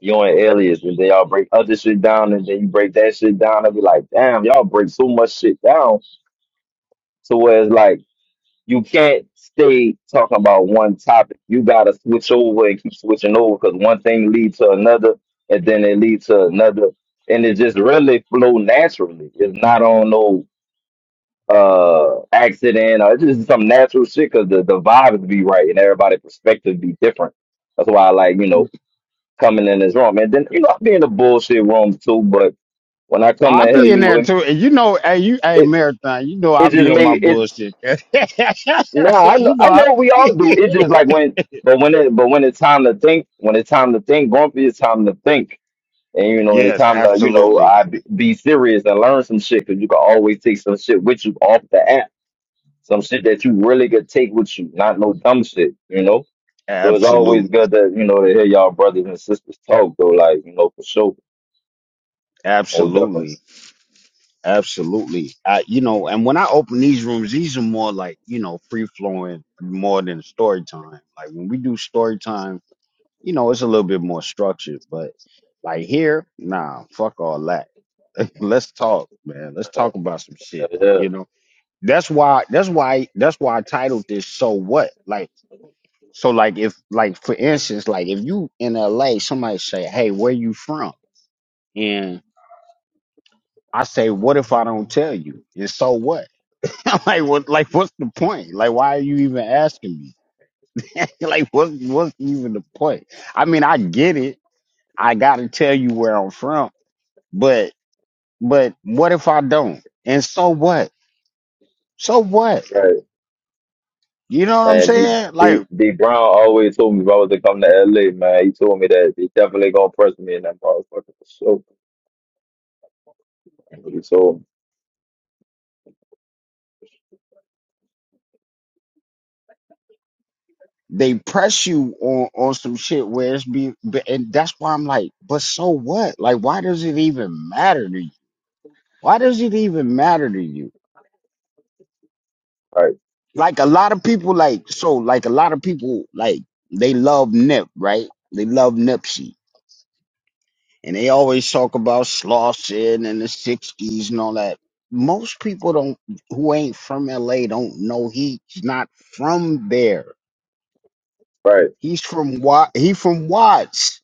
F: you and Elias, and then y'all break other shit down, and then you break that shit down, and be like, damn, y'all break so much shit down. So where it's like you can't stay talking about one topic. You gotta switch over and keep switching over because one thing leads to another, and then it leads to another, and it just really flow naturally. It's not on no uh accident or it's just some natural shit because the, the vibes be right and everybody's perspective be different. That's why I like, you know, coming in this room. And then you know I be in the bullshit room too, but when I come in
A: I'll
F: here,
A: be in
F: you know
A: there
F: it
A: too. And you know, hey, you, hey,
F: it,
A: marathon, you know,
F: it
A: I'll be
F: just
A: on my
F: made it.
A: bullshit.
F: Nah, I know
A: you know,
F: I
A: I,
F: know we all do. It's just like when but when it but when it's time to think, when it's time to think, Grumpy, it's time to think. And you know, and it's
A: yes,
F: time to you know
A: absolutely.
F: I be be serious and learn some shit because you can always take some shit with you off the app, some shit that you really could take with you, not no dumb shit, you know. So it's always good
A: Absolutely.
F: that you know to hear y'all brothers and sisters talk though, like you know for sure, most definitely.
A: Absolutely. Absolutely. I, you know, and when I open these rooms, these are more like, you know, free flowing more than story time. Like when we do story time, you know, it's a little bit more structured, but like here, nah, fuck all that. Let's talk, man. Let's talk about some
F: Yeah,
A: shit,
F: yeah.
A: you know. That's why that's why that's why I titled this so what? Like so like if like for instance, like if you in LA, somebody say, "Hey, where you from?" and I say, "What if I don't tell you?" And so what? like what like what's the point? Like why are you even asking me? like what's what's even the point? I mean I get it. I gotta tell you where I'm from, but but what if I don't? And so what? So what?
F: right.
A: You know what I'm
F: Man, D,
A: saying?
F: D,
A: Like
F: D Brown always told me if I was to come to LA, man, he told me that they definitely gonna press me in that motherfucker for sure. That's what He told me. so.
A: they press you on on some shit where it's being but- and that's why I'm like, but so what? Like why does it even matter to you? Why does it even matter to you?
F: Right,
A: like a lot of people like so like a lot of people like they love Nip, right? They love Nipsey. And they always talk about Slauson and the sixties and all that. Most people don't who ain't from LA don't know he's not from there.
F: right.
A: He's from Wa he from Watts.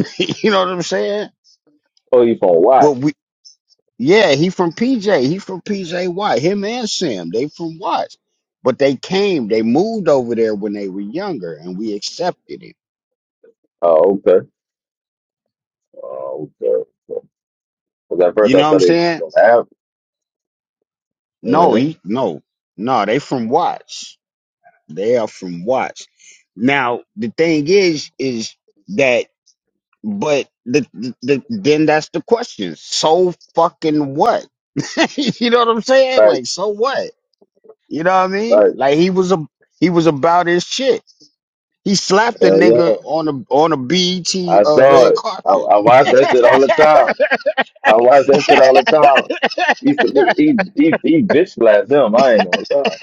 A: you know what I'm saying?
F: Oh, you from
A: But
F: Watts?
A: we yeah, he from PJ. He from PJ Watt. Him and Sam, they from Watts. But they came, they moved over there when they were younger and we accepted it
F: Oh, okay. Oh, okay. Because at
A: You
F: first
A: know
F: I
A: what I'm
F: thought it was
A: saying?
F: gonna happen.
A: No,
F: Mm-hmm.
A: he no. No, they from Watts. They are from Watts. Now, the thing is, is that but the, the, the then that's the question. So fucking what? you know what I'm saying?
F: Right,
A: Like, so what? You know what I mean?
F: right.
A: Like he was a he was about his shit. He slapped a
F: Hell
A: nigga
F: yeah.
A: on a on a BET
F: I
A: uh,
F: saw
A: red
F: it. I,
A: carpet.
F: I watch that shit all the time. I watch that shit all the time. He, he, he, he bitch slapped them. I ain't gonna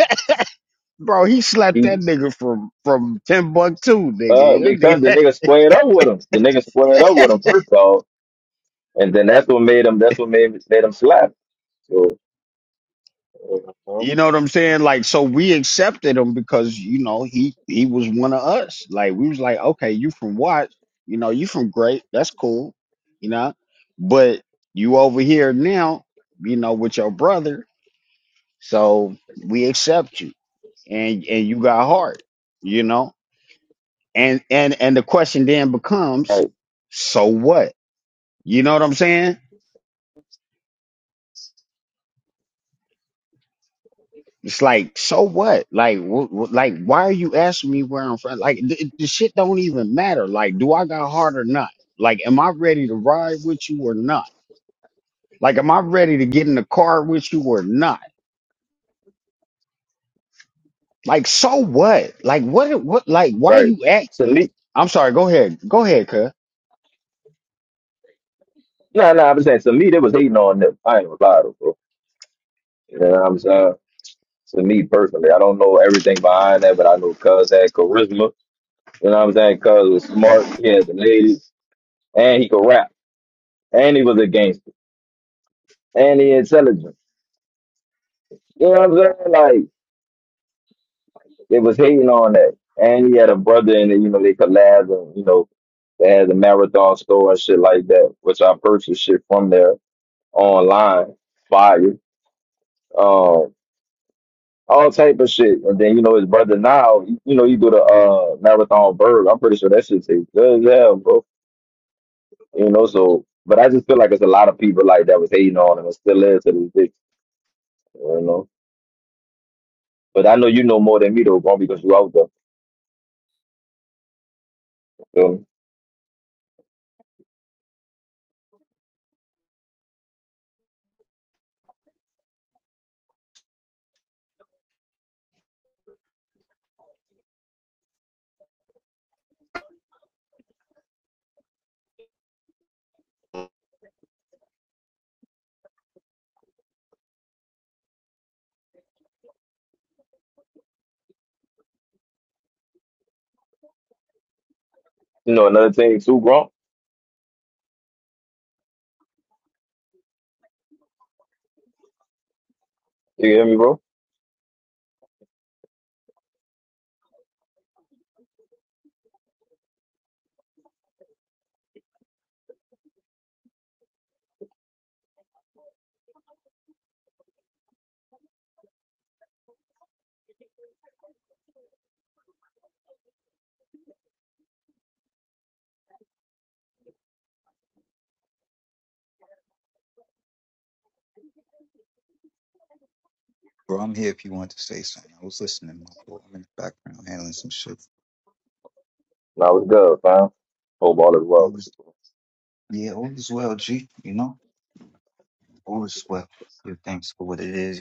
A: Bro, he slapped
F: lie.
A: that nigga from from Timbuktu,
F: Uh,
A: nigga.
F: because the nigga squared up with him. The nigga squared up with him first off, and then that's what made him. That's what made made him slap. So, uh,
A: You know what I'm saying? Like, so we accepted him because you know he he was one of us. Like, we was like, okay, you from Watts, you know, you from Great, that's cool, you know, but you over here now, you know, with your brother, so we accept you, and and you got heart, you know, and and and the question then becomes,
F: right,
A: so what? You know what I'm saying? It's like, so what? Like, wh- wh- like, why are you asking me where I'm from? Like, the, the shit don't even matter. Like, do I got hard or not? Like, am I ready to ride with you or not? Like, am I ready to get in the car with you or not? Like, so what? Like, what? What? Like, why
F: right.
A: you act?
F: To me,
A: I'm sorry. Go ahead. Go ahead, cuz.
F: nah, nah. I'm saying to me, they was hating on them. I ain't gonna lie to you, bro. You know what I'm saying? To me personally, I don't know everything behind that, but I know Cuz had charisma. You know what I'm saying? Cuz was smart. He had the ladies, and he could rap, and he was a gangster, and he intelligent. You know what I'm saying? Like, It was hating on that. And he had a brother in it, you know, they collabed and, you know, they had the marathon store and shit like that, which I purchased shit from there online, fire, um, all type of shit. And then, you know, his brother now, you know, you do the uh marathon bird. I'm pretty sure that shit tastes good as hell, bro. You know, so but I just feel like it's a lot of people like that was hating on him and still is to this day, you know. But I know you know more than me though, bro, because you out there. You, know? You know, another thing too, bro. You hear me, bro?
E: Bro, I'm here if you want to say something. I was listening. My fault. I'm in the background handling some shit.
F: No, it's good, fam. Hope all is well
E: All
F: with
E: is,
F: you.
E: yeah, all is well, G. You know, all is well. Good thanks for what it is.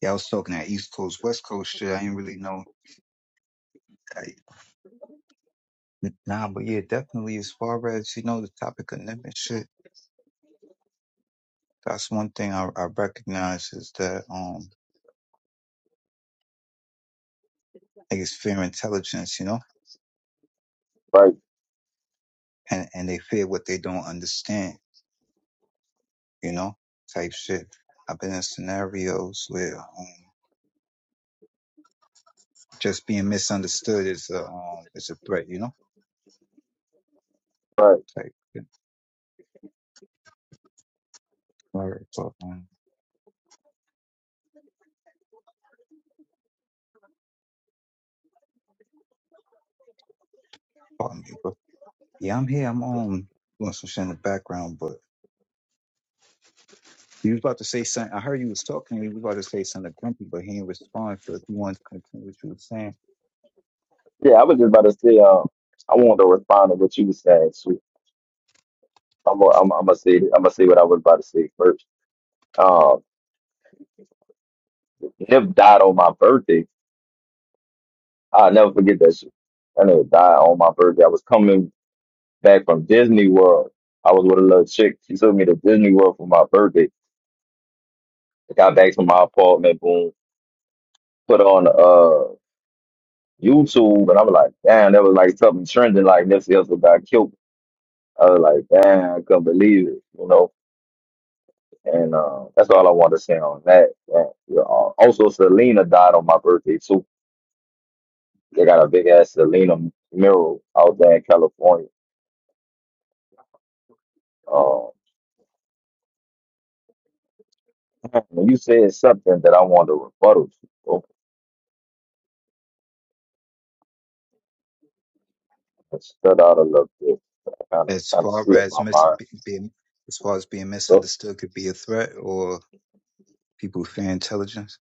E: Yeah, I was talking that East Coast, West Coast shit. I didn't really know. I, nah, but yeah, definitely as far as, you know, the topic of living shit, that's one thing I, I recognize is that, um, niggas fear intelligence, you know,
F: Right,
E: and, and they fear what they don't understand, you know, type shit. I've been in scenarios where, um, just being misunderstood is a um is a threat, you know.
F: right.
E: Like, yeah. all right, so um, pardon me, but yeah, I'm here. I'm um doing some shit in the background, but you was about to say something. I heard you was talking. You was about to say something to grumpy, but he didn't respond. So if you want to continue what you were saying,
F: Yeah, I was just about to say. Um, I wanted to respond to what you were saying. sweet. I'm, gonna- I'm, I'm gonna say, I'm gonna say what I was about to say first. Um, Nip died on my birthday. I'll never forget that shit. I nigga died on my birthday. I was coming back from Disney World. I was with a little chick. She took me to Disney World for my birthday. I got back to my apartment, boom, put on uh YouTube, and I am like, damn, that was like something trending. Like Nipsey Hussle got killed I was like, damn, I couldn't believe it, you know. And uh, that's all I wanted to say on that. Yeah. Yeah. Uh, Also, Selena died on my birthday too. They got a big ass Selena mural out there in California. Uh, when you said something that I wanted to rebuttal to, so I stood out a little bit. Kind of,
E: as
F: kind of
E: far
F: slipped
E: as
F: my
E: mis
F: mind.
E: be- being as far as being
F: So
E: misunderstood could be a threat or people who fear intelligence,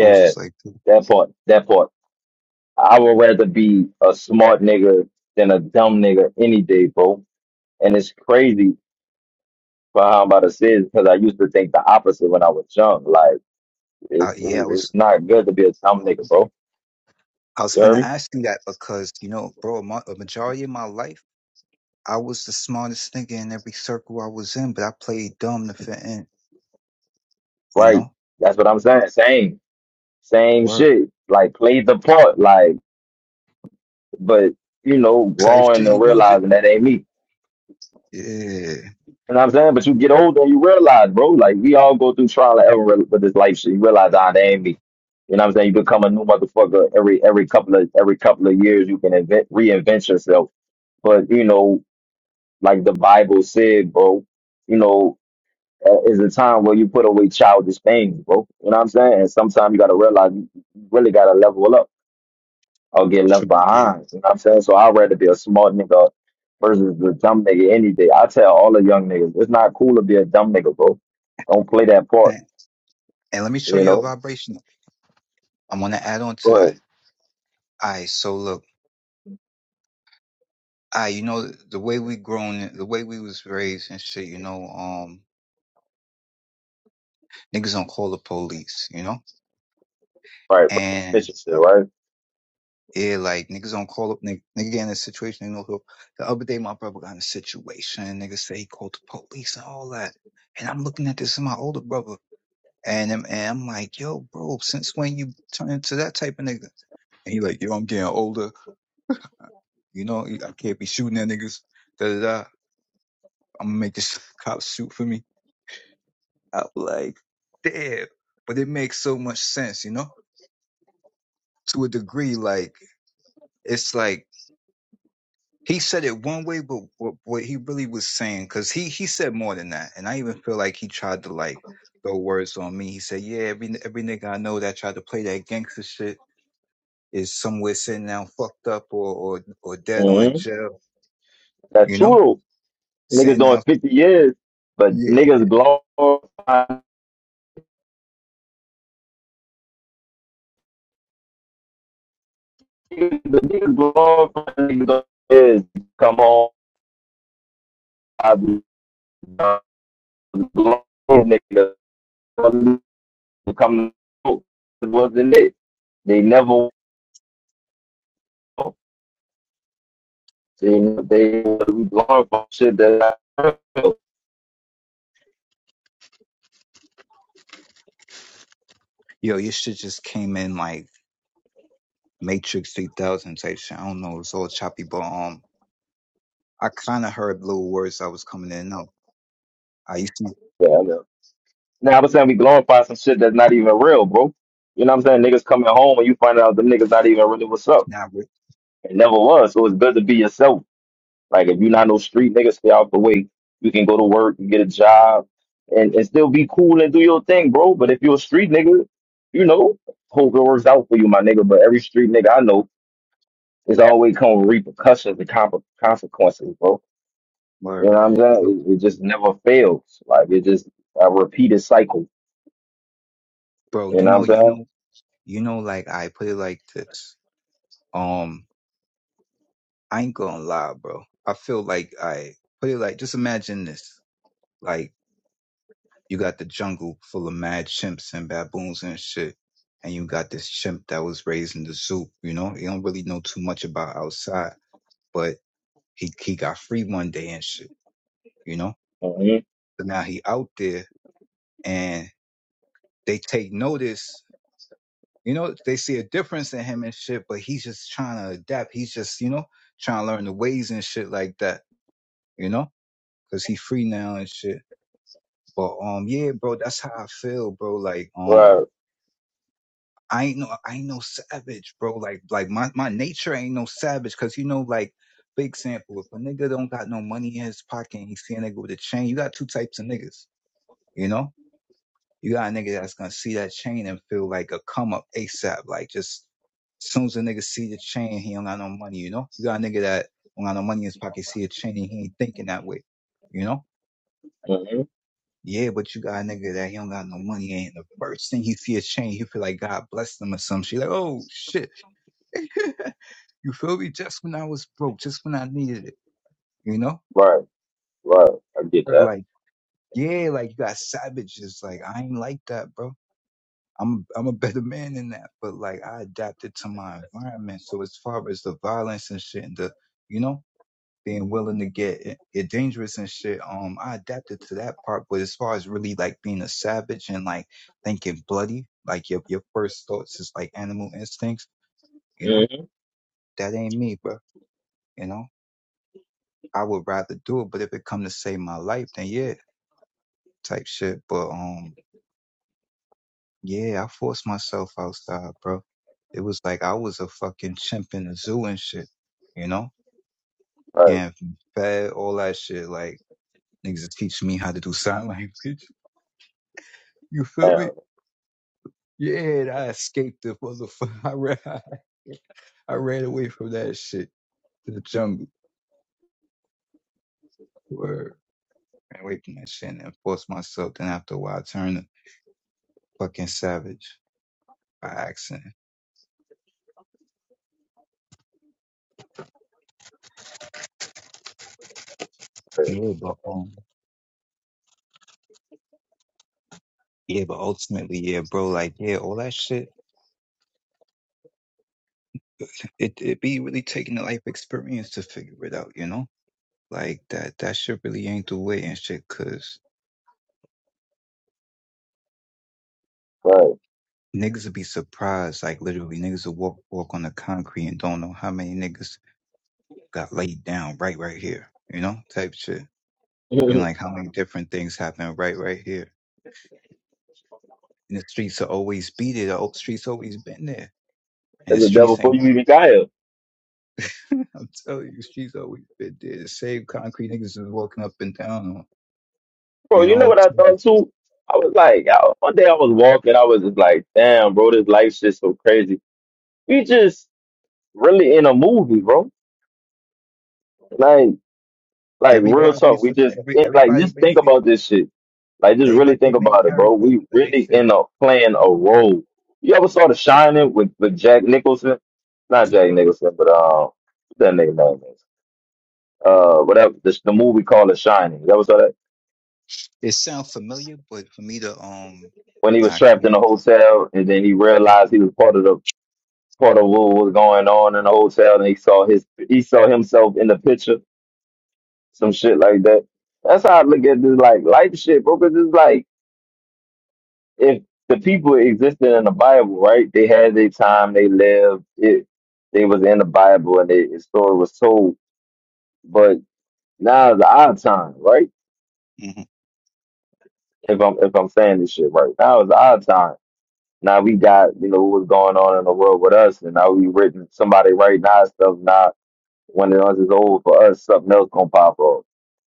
E: I was just like,
F: that part, that part. I would rather be a smart nigga than a dumb nigga any day, bro. And it's crazy. But how I'm about to say scenes because I used to think the opposite when I was young. Like it,
E: I,
F: it-
E: yeah, I
F: it's
E: was.
F: not good to be a dumb nigga, bro.
E: I was
F: You heard
E: finna
F: me?
E: ask you that because, you know, bro, my, a majority of my life. I was the smartest nigga in every circle I was in, but I played dumb to fit in, you
F: Right.
E: know?
F: That's what I'm saying. Same, same
E: Work
F: shit. Like play the part. Like, but you know,
E: type
F: growing
E: shit,
F: and
E: you know what you
F: realizing that ain't me.
E: Yeah.
F: You know what I'm saying? But you get older and you realize, bro. Like we all go through trial and error with this life shit. You realize, ah, that ain't me. You know what I'm saying? You become a new motherfucker every every couple of every couple of years. You can invent reinvent yourself. But you know, like the Bible said, bro. You know, uh, is a time where you put away childish things, bro. You know what I'm saying? And sometimes you gotta realize you you really gotta level up or get left
E: Triple D.
F: behind. You know what I'm saying? So I'd rather be a smart nigga versus the dumb nigga any day. I tell all the young niggas, it's not cool to be a dumb nigga, bro. Don't play that part.
E: And and let me show
F: You
E: you a
F: know?
E: vibration. I'm gonna add on to
F: Go
E: that.
F: ahead.
E: Alright, so look, all right, you know the way we grown the way we was raised and shit, you know, um niggas don't call the police, you know?
F: Right, but
E: and.
F: suspicious shit, right?
E: Yeah, like niggas don't call up nigga, nigga get in a situation. they know, who- the other day my brother got in a situation. Niggas say he called the police and all that. And I'm looking at this as my older brother, and I'm, and I'm like, yo, bro, since when you turn into that type of nigga? And he like, yo, I'm getting older. You know, I can't be shooting at niggas. Da da da. I'm gonna make this cop shoot for me. I'm like, damn. But it makes so much sense, you know, to a degree. Like it's like He said it one way, but what, what he really was saying, because he he said more than that, and I even feel like he tried to like throw words on me. He said, "Yeah, every every nigga I know that tried to play that gangster shit is somewhere sitting down fucked up or or or dead or in
F: hmm
E: jail,
F: That's
E: you know,
F: true. Niggas
E: sitting
F: doing
E: out."
F: 50 years, but
E: Yeah,
F: niggas glorify nigga, the nigga glorifying niggas is come on, I be niggas. glorifying niggas come out. It wasn't it? They never they they we glorify shit that not real.
E: yo, your shit just came in like Matrix 3000 type shit. I don't know, it's all choppy, but um, I kind of heard little words that was coming in. No, I used to
F: Yeah, I know. Now I'm saying we glorify some shit that's not even real, bro. You know what I'm saying? Niggas coming home and you find out the niggas not even really what's up.
E: not re-
F: It never was. So it's good to be yourself. Like if you're not no street nigga, stay out the way. You can go to work, you get a job, and, and still be cool and do your thing, bro. But if you're a street nigga, you know, hope it works out for you, my nigga. But every street nigga I know is always come with repercussions and comp- consequences, bro. You know
E: word,
F: what I'm
E: yo,
F: saying? It, it just never fails. Like it just a repeated cycle.
E: bro.
F: You
E: You
F: know what I'm
E: know, you know.
F: saying?
E: you know, like I put it like this. Um, I ain't gonna lie, bro. I feel like I put it like just imagine this. Like you got the jungle full of mad chimps and baboons and shit. And you got this chimp that was raised in the zoo, you know? He don't really know too much about outside, but he he got free one day and shit, you know?
F: Mm-hmm.
E: So now he out there and they take notice, you know, they see a difference in him and shit, but he's just trying to adapt. He's just, you know, trying to learn the ways and shit like that. you know, cause he free now and shit. But um, yeah, bro, that's how I feel, bro. Like um,
F: Right.
E: I ain't no, I ain't no savage, bro. Like like my my nature ain't no savage, cause you know like. Big sample. If a nigga don't got no money in his pocket and he see a nigga with a chain, you got two types of niggas. You know, you got a nigga that's gonna see that chain and feel like a come up ASAP. Like just as soon as a nigga see the chain, he don't got no money. You know, you got a nigga that don't got no money in his pocket, see a chain, and he ain't thinking that way. You know,
F: Mm-hmm.
E: Yeah, but you got a nigga that he don't got no money, and the first thing he see is change, he feel like God blessed him or some shit. Like, oh shit, you feel me? Just when I was broke, just when I needed it, you know?
F: Right. Right. I get
E: Or
F: that.
E: like, yeah, like you got savages. Like I ain't like that, bro. I'm I'm a better man than that. But like I adapted to my environment. So as far as the violence and shit, and the you know. being willing to get get dangerous and shit. Um, I adapted to that part, but as far as really like being a savage and like thinking bloody, like your your first thoughts is like animal instincts, you
F: hmm
E: know, that ain't me, bro. You know, I would rather do it, but if it come to save my life, then yeah, type shit. But um, yeah, I forced myself outside, bro. It was like I was a fucking chimp in the zoo and shit, you know,
F: Right.
E: getting fed, all that shit. Like niggas is teaching me how to do sign language. You feel me?
F: Damn.
E: Yeah, I escaped the motherfucker. I ran, I ran away from that shit to the jungle. Word. Ran away from that shit and forced myself. Then after a while, I turned a fucking savage by accident. Yeah, but um, yeah, but ultimately, yeah, bro, like, yeah, all that shit. It it be really taking a life experience to figure it out, you know? Like that that shit really ain't the way and shit, cause niggas will be surprised. Like literally, niggas will walk walk on the concrete and don't know how many niggas got laid down right right here, you know, type shit.
F: Right.
E: And like how many different things happen right right here. And the streets are always be there. The streets always been there.
F: It
E: And the
F: was the devil
E: streets
F: before
E: ain't
F: you even
E: never
F: got here.
E: I'm telling you, the streets always been there. The same concrete niggas is walking up and down on,
F: Bro,
E: you
F: you know
E: know,
F: what I
E: to-
F: thought too? I was like, I, one day I was walking, I was just like, damn, bro, this life's just so crazy. We just really in a movie, bro. Like, like real talk.
E: everybody's
F: We just
E: every
F: eh, like
E: everybody
F: just think
E: basically
F: about this shit. Like, just really
E: everybody the
F: think
E: main
F: about it, bro.
E: character.
F: We
E: But they
F: really
E: should
F: in a playing a role. You ever saw The Shining with with Jack Nicholson? Not Jack Nicholson, but um, what that nigga name is uh, whatever. The, the movie called The Shining. You ever saw that?
E: it sounds familiar, but for me to um
F: when he
E: nah,
F: was
E: I
F: trapped in a
E: can't.
F: hotel and then he realized he was part of the Portal was going on in the hotel, and he saw his he saw himself in the picture, some shit like that. That's how I look at this like life shit, bro. Because it's like if the people existed in the Bible, right? They had their time, they lived it. They was in the Bible, and their story was told. But now is our time, right?
E: hmm
F: If I'm if I'm saying this shit right, now is our time. Now we got you know what's going on in the world with us, and now we written somebody writing our stuff now When it is over for us, something else gonna pop up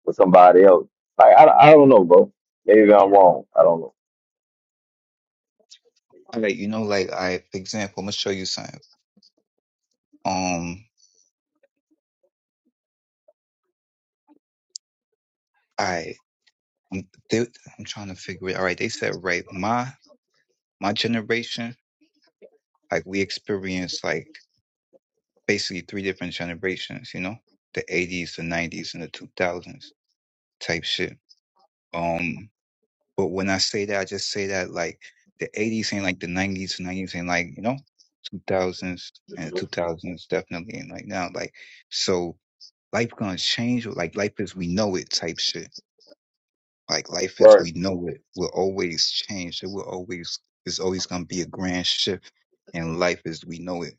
F: with somebody else. Like I, I don't know, bro. Maybe I'm wrong. I don't know.
E: All right, you know, like I for example, I'm gonna show you something. Um all right. I'm, they, I'm trying to figure it. All right, they said right. My my generation, like we experienced like basically three different generations. You know, the 80s, the 90s, and the 2000s type shit. Um, but when I say that, I just say that like the 80s ain't like the 90s, the 90s ain't like you know 2000s and the 2000s definitely ain't like now. Like so, life gonna change. Like life as we know it type shit. Like life as
F: But
E: we know it will always change. It will always it's always gonna be a grand shift in life as we know it.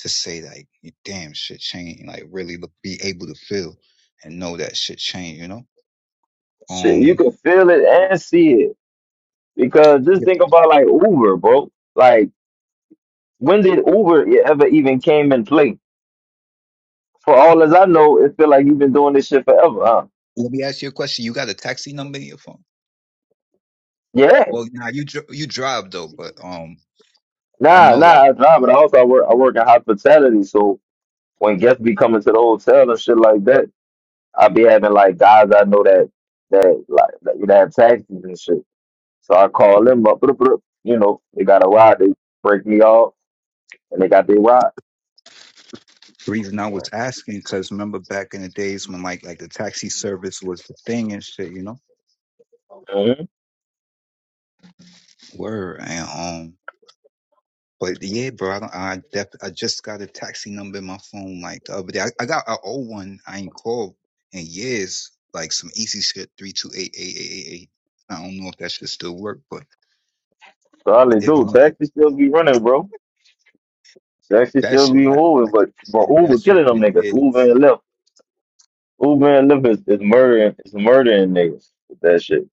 E: To say like, damn, shit changed. Like really look, be able to feel and know that shit changed. You know.
F: shit, you
E: Um.
F: can feel it and see it because just
E: yeah.
F: think about like Uber, bro. Like when did Uber e-, ever even came in play? For all as I know, it feel like you've been doing this shit forever, huh?
E: Let me ask you a question. You got a taxi number in your phone?
F: Yeah.
E: Well, nah, you dr- you drive though, but um, I
F: Nah,
E: know
F: nah,
E: like
F: I drive, but also I work I work in hospitality, so when guests be coming to the hotel and shit like that, I be having like guys I know that that like that, that have taxis and shit. So I call
E: the
F: them up. bruh, bruh. You know, they got a ride. They break me off, and they got their ride.
E: reason I was asking because remember back in the days when like like the taxi service was the thing and shit, you know.
F: hmm
E: Word and um. But yeah, bro, I don't, I, def, I just got a taxi number in my phone like the other day. I, I got an old one I ain't called in years, like some easy shit three two eight eight eight eight eight. I don't know if that should still work, but
F: So all they
E: if, I,
F: do,
E: if
F: taxi still be running, bro. Taxi
E: that
F: still
E: shit
F: be
E: I
F: moving, but but
E: had that
F: Uber
E: shit
F: killing
E: for
F: them niggas. Uber
E: years.
F: and Lyft. Uber and Lyft is, is murdering. Is murdering niggas with that shit.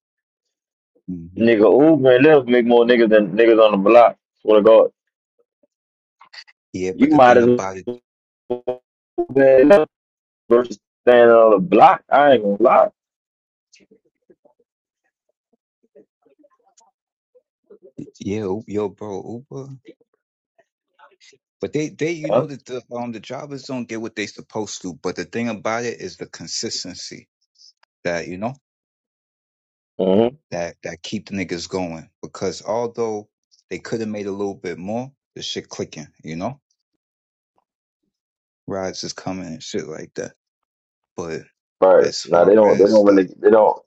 E: hmm
F: Nigga, Uber and Lyft make more niggas than niggas on the block. Swear to God,
E: Yeah, but
F: you
E: the
F: might
E: thing
F: as
E: about it,
F: well Uber and Lyft versus standing on the block. I ain't gonna lie.
E: yeah, U- yo, bro, Uber. But they, they, you
F: Huh?
E: know that the um the drivers don't get what they supposed to. But the thing about it is the consistency that you know.
F: hmm
E: that that keep the niggas going because although they could have made a little bit more, the shit clicking, you know, rides is coming and shit like that. But
F: But
E: as
F: no, they
E: far
F: don't. They
E: as
F: don't really.
E: the
F: They don't.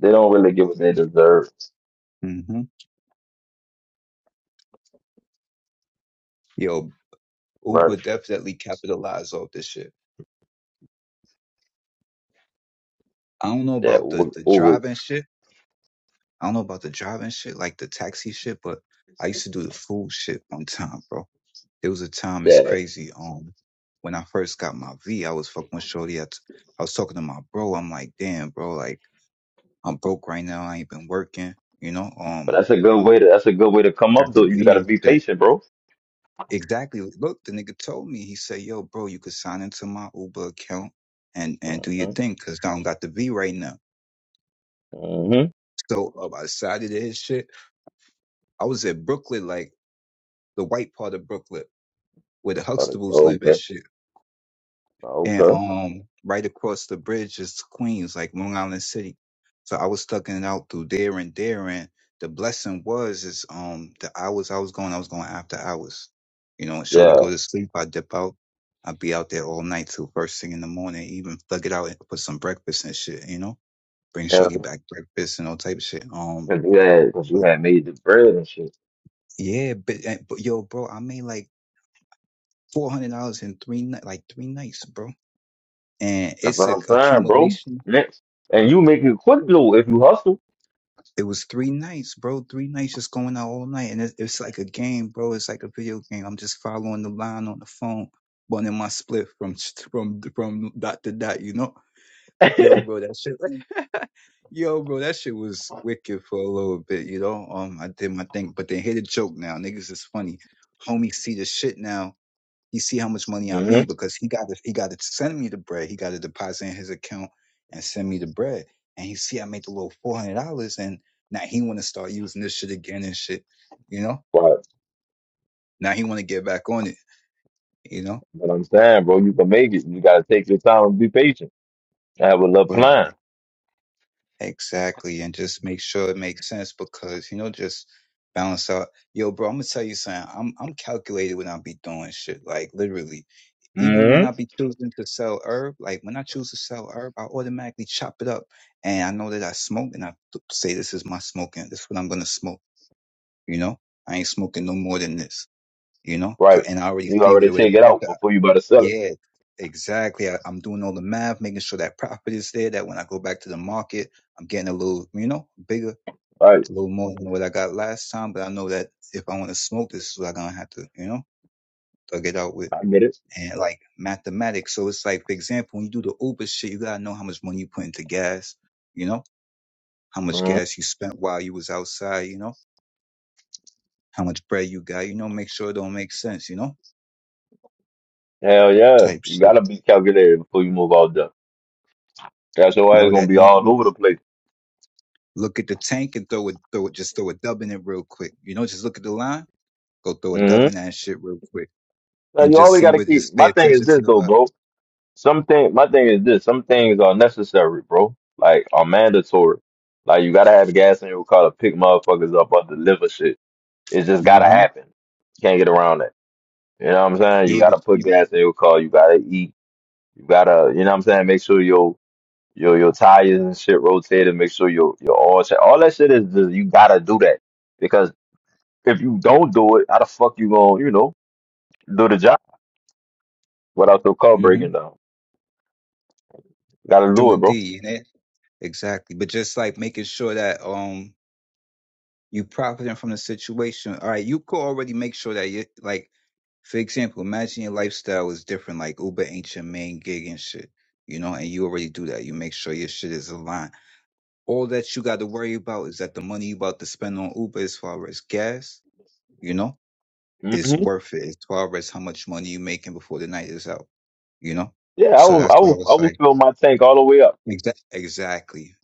F: They don't really get what they deserve,
E: hmm yo,
F: right?
E: Uber definitely capitalized off this shit. I don't know
F: That
E: about the
F: ooh,
E: the
F: ooh,
E: driving shit. I don't know about the driving shit, like the taxi shit, but I used to do the food shit one time, bro. There was a time it's
F: that.
E: crazy. Um, when I first got my V, I was fucking with Shorty. I, t- I was talking to my bro. I'm like, damn, bro, like. I'm broke right now. I ain't been working. You know,
F: But
E: um,
F: that's a good way to that's a good way to come
E: got
F: up though.
E: the
F: You
E: V
F: gotta
E: and
F: be
E: shit.
F: patient, bro.
E: Exactly. Look, the nigga told me. He said, "Yo, bro, you could sign into my Uber account and and do your
F: hmm
E: thing, 'cause I don't got the V right now."
F: hmm
E: So um, I decided to his shit. I was at Brooklyn, like the white part of Brooklyn, where the Huxtables live
F: Okay.
E: and shit. and
F: Okay.
E: um right across the bridge is Queens, like Long Island City. So I was tucking it out through there and there, and the blessing was is um the hours I was going, I was going after hours. You know, and shorty
F: Yeah.
E: go to sleep, I dip out, I'd be out there all night till first thing in the morning, even plug it out and put some breakfast and shit. You know, bring
F: Yeah.
E: shorty back breakfast and all type of shit. Um,
F: Cause you had cause you
E: but
F: had made the bread and shit.
E: yeah, but, eh, but yo, bro, I made like four hundred dollars in three ni- like three nights, bro, and
F: That's
E: it's
F: what
E: a
F: I'm saying, bro.
E: accumulation
F: Next. And you make it quick though if you hustle.
E: It was three nights, bro. Three nights just going out all night. And it, it's like a game, bro. It's like a video game. I'm just following the line on the phone, running my split from from from dot to dot, you know? Yo, bro, that shit yo, bro, that shit was wicked for a little bit, you know. Um, I did my thing, but they hit a joke now. Niggas is funny. Homie see the shit now you see how much money I
F: hmm
E: made because he got to he got to send me the bread. He got to deposit in his account and send me the bread. And he see I made the little four hundred dollars, and now he want to start using this shit again and shit. You know,
F: But
E: now he want to get back on it. You know,
F: but I'm saying, bro, you can make it. You gotta take your time and be patient. Have a little
E: Word.
F: plan.
E: Exactly, and just make sure it makes sense because you know, just balance out. Yo, bro, I'm gonna tell you something. I'm I'm calculated when I be doing shit. Like literally, even when
F: hmm
E: I be choosing to sell herb, like when I choose to sell herb, I automatically chop it up, and I know that I smoke, and I th- say this is my smoking. This is what I'm gonna smoke. You know, I ain't smoking no more than this. You know, 'Cause-
F: Right.
E: and I already
F: You
E: see what
F: already
E: it
F: take
E: would
F: it
E: profit.
F: out before you about to sell it.
E: Yeah, exactly. I, I'm doing all the math, making sure that profit is there, that when I go back to the market, I'm getting a little, you know, bigger, a
F: Right.
E: little more than what I got last time. But I know that if I want to smoke, this is what I'm going to have to, you know, thug it out with.
F: I get it.
E: And like mathematics. So it's like, for example, when you do the Uber shit, you got to know how much money you put into gas, you know, how much
F: hmm
E: gas you spent while you was outside, you know, how much bread you got, you know, make sure it don't make sense, you know,
F: Hell yeah.
E: type
F: You
E: shit.
F: gotta be calculated before you move out there. That's your ass
E: Know
F: gonna
E: that,
F: be
E: no.
F: all over the place.
E: Look at the tank and throw it, throw it, just throw a dub in it real quick. You know, just look at the line, go throw a dub
F: hmm
E: in that shit real quick,
F: Now
E: and
F: you
E: just
F: always
E: see
F: gotta
E: what.
F: keep
E: Just pay
F: my thing is
E: attention to
F: this
E: the
F: though,
E: line.
F: bro. Some thing my thing is this, some things are necessary, bro. Like are mandatory. Like you gotta have gas in your car to pick motherfuckers up or deliver shit. It just gotta
E: Mm-hmm.
F: happen. Can't get around that. You know what I'm saying? You
E: Yeah, but
F: gotta put
E: you,
F: gas in your car, you gotta eat, you gotta you know what I'm saying, make sure your your your tires and shit rotated, make sure your your oil check. All that shit is just you gotta do that. Because if you don't do it, how the fuck you gonna, you know, do the job without your car
E: mm-hmm.
F: breaking down? Gotta
E: true
F: do it, bro.
E: indeed, you know exactly. But just like making sure that um you profiting from the situation. All right, you could already make sure that you like for example, imagine your lifestyle is different, like Uber ain't your main gig and shit, you know, and you already do that. You make sure your shit is aligned. all that you got to worry about is that the money you about to spend on Uber as far as gas, you know, is
F: hmm
E: worth it as far as how much money you making before the night is out, you know?
F: Yeah, I
E: So
F: will
E: that's
F: I
E: what I
F: will I
E: was
F: will
E: like.
F: fill my tank all the way up.
E: Exa- exactly.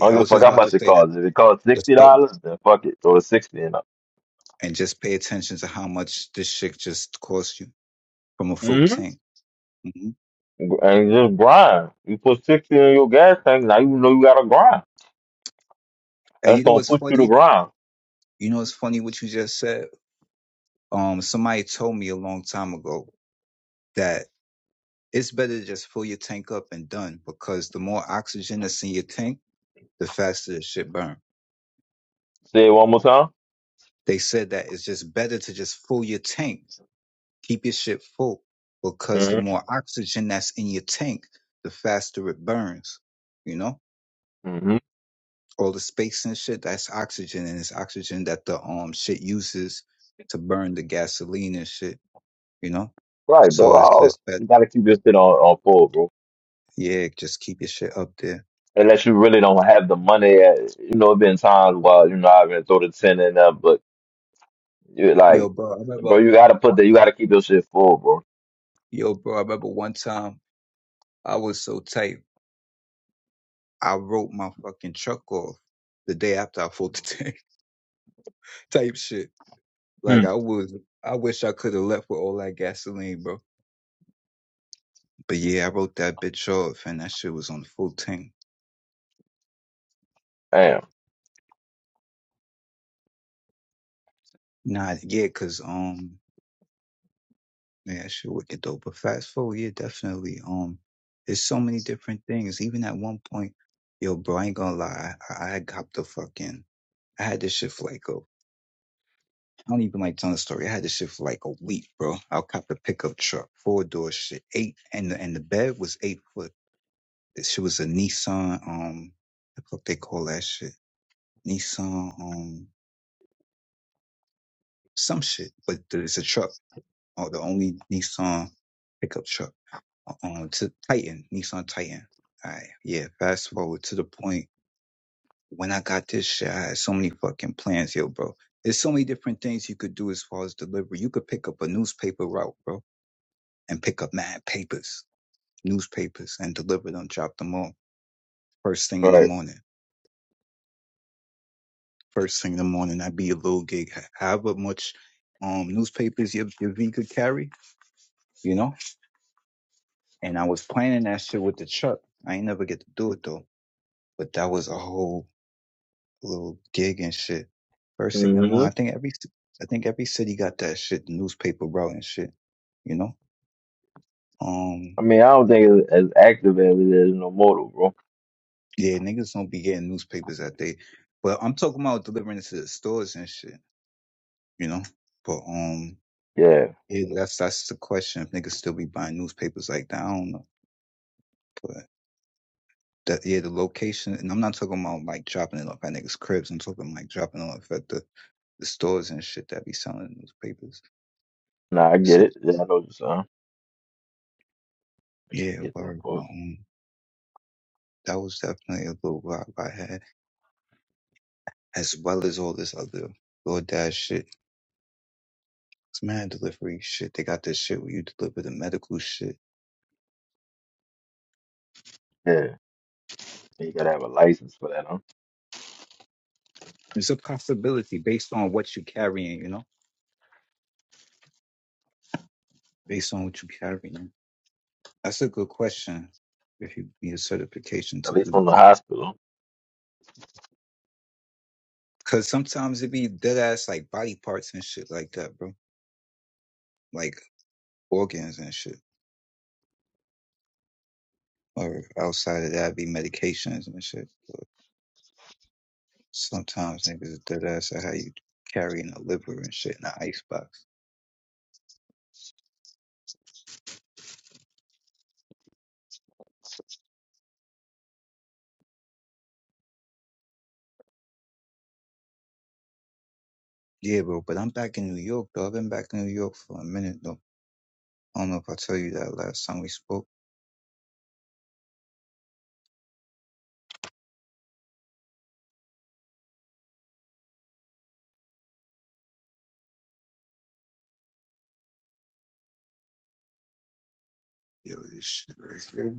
F: I don't
E: I
F: give a
E: was
F: fuck
E: just
F: how
E: about to
F: much it
E: say that.
F: costs. If it costs sixty
E: Just th-
F: dollars, then fuck it. Throw the sixty in up.
E: and just pay attention to how much this shit just costs you from a full
F: hmm
E: tank. hmm
F: And just grind. You put sixty in your gas tank, now you know you gotta grind.
E: And
F: That's
E: you know
F: gonna
E: what's
F: push you to
E: funny?
F: grind.
E: You know what's funny what you just said? Um, somebody told me a long time ago that. It's better to just fill your tank up and done because the more oxygen that's in your tank, the faster the shit burn.
F: Say it one more time.
E: They said that it's just better to just fill your tank, keep your shit full because the more oxygen that's in your tank, the faster it burns. You know,
F: hmm
E: all the space and shit that's oxygen and it's oxygen that the um shit uses to burn the gasoline and shit. You know,
F: Right, bro.
E: so
F: I
E: it's just that
F: you gotta keep your shit on, on full, bro.
E: yeah, just keep your shit up there.
F: Unless you really don't have the money. uh, You know, it been times while you know I've been throw the ten in there, but you like,
E: Yo, bro, I
F: bro,
E: remember.
F: you gotta put the you gotta keep your shit full, bro.
E: Yo, bro, I remember one time. I was so tight. I wrote my fucking truck off the day after I filled the tank type shit.
F: Hmm.
E: Like I was, I wish I could have left with all that gasoline, bro. But yeah, I wrote that bitch off and that shit was on the full tank.
F: Damn.
E: Nah, yeah, cause, um, yeah, that shit wicked though. But fast forward, yeah, definitely. Um, there's so many different things. Even at one point, yo, bro, I ain't gonna lie. I, I got the fucking, I had this shit for like a I don't even like telling the story. I had this shit for like a week, bro. I copped a pickup truck, four door shit, eight, and the, and the bed was eight foot. The shit was a Nissan, um, what the fuck they call that shit? Nissan, um, some shit, but it's a truck, or the only Nissan pickup truck, uh, um, to Titan, Nissan Titan. All right, yeah. Fast forward to the point when I got this shit, I had so many fucking plans, yo, bro. There's so many different things you could do as far as delivery. You could pick up a newspaper route, bro and pick up mad papers, newspapers, and deliver them, drop them off first thing in the
F: Right.
E: morning. First thing in the morning, I'd be a little gig, however much um newspapers your, your V could carry, you know? And I was planning that shit with the truck. I ain't never get to do it though, but that was a whole little gig and shit. First thing in the
F: hmm
E: morning, I think every I think every city got that shit, the newspaper route and shit, you know? Um,
F: I mean, I don't think it's as active as it is no motor, bro.
E: yeah, niggas don't be getting newspapers that day. But I'm talking about delivering it to the stores and shit. you know. But um,
F: Yeah.
E: yeah, that's that's the question. If niggas still be buying newspapers like that, I don't know. But that yeah, the location, and I'm not talking about like dropping it off at niggas' cribs. I'm talking like dropping it off at the, the stores and shit that be selling newspapers.
F: Nah, I get
E: So
F: it. Yeah, I know what you're saying. I
E: yeah,
F: get that
E: word. but,
F: part.
E: Um, that was definitely a little vibe I had, as well as all this other DoorDash shit. It's mad delivery shit. They got this shit where you deliver the medical shit.
F: Yeah. You gotta have a license for that, huh?
E: It's a possibility based on what you carrying, you know, based on what you carrying. That's a good question. If you need a certification
F: At
E: to
F: least
E: do
F: from the
E: that.
F: hospital.
E: Cause sometimes it be dead ass like body parts and shit like that, bro. Like organs and shit. Or outside of that be medications and shit. But sometimes niggas are dead ass at how you carrying a liver and shit in an icebox. Yeah, bro, but I'm back in New York though. I've been back in New York for a minute though. I don't know if I tell you that last time we spoke. Yo, this shit right here.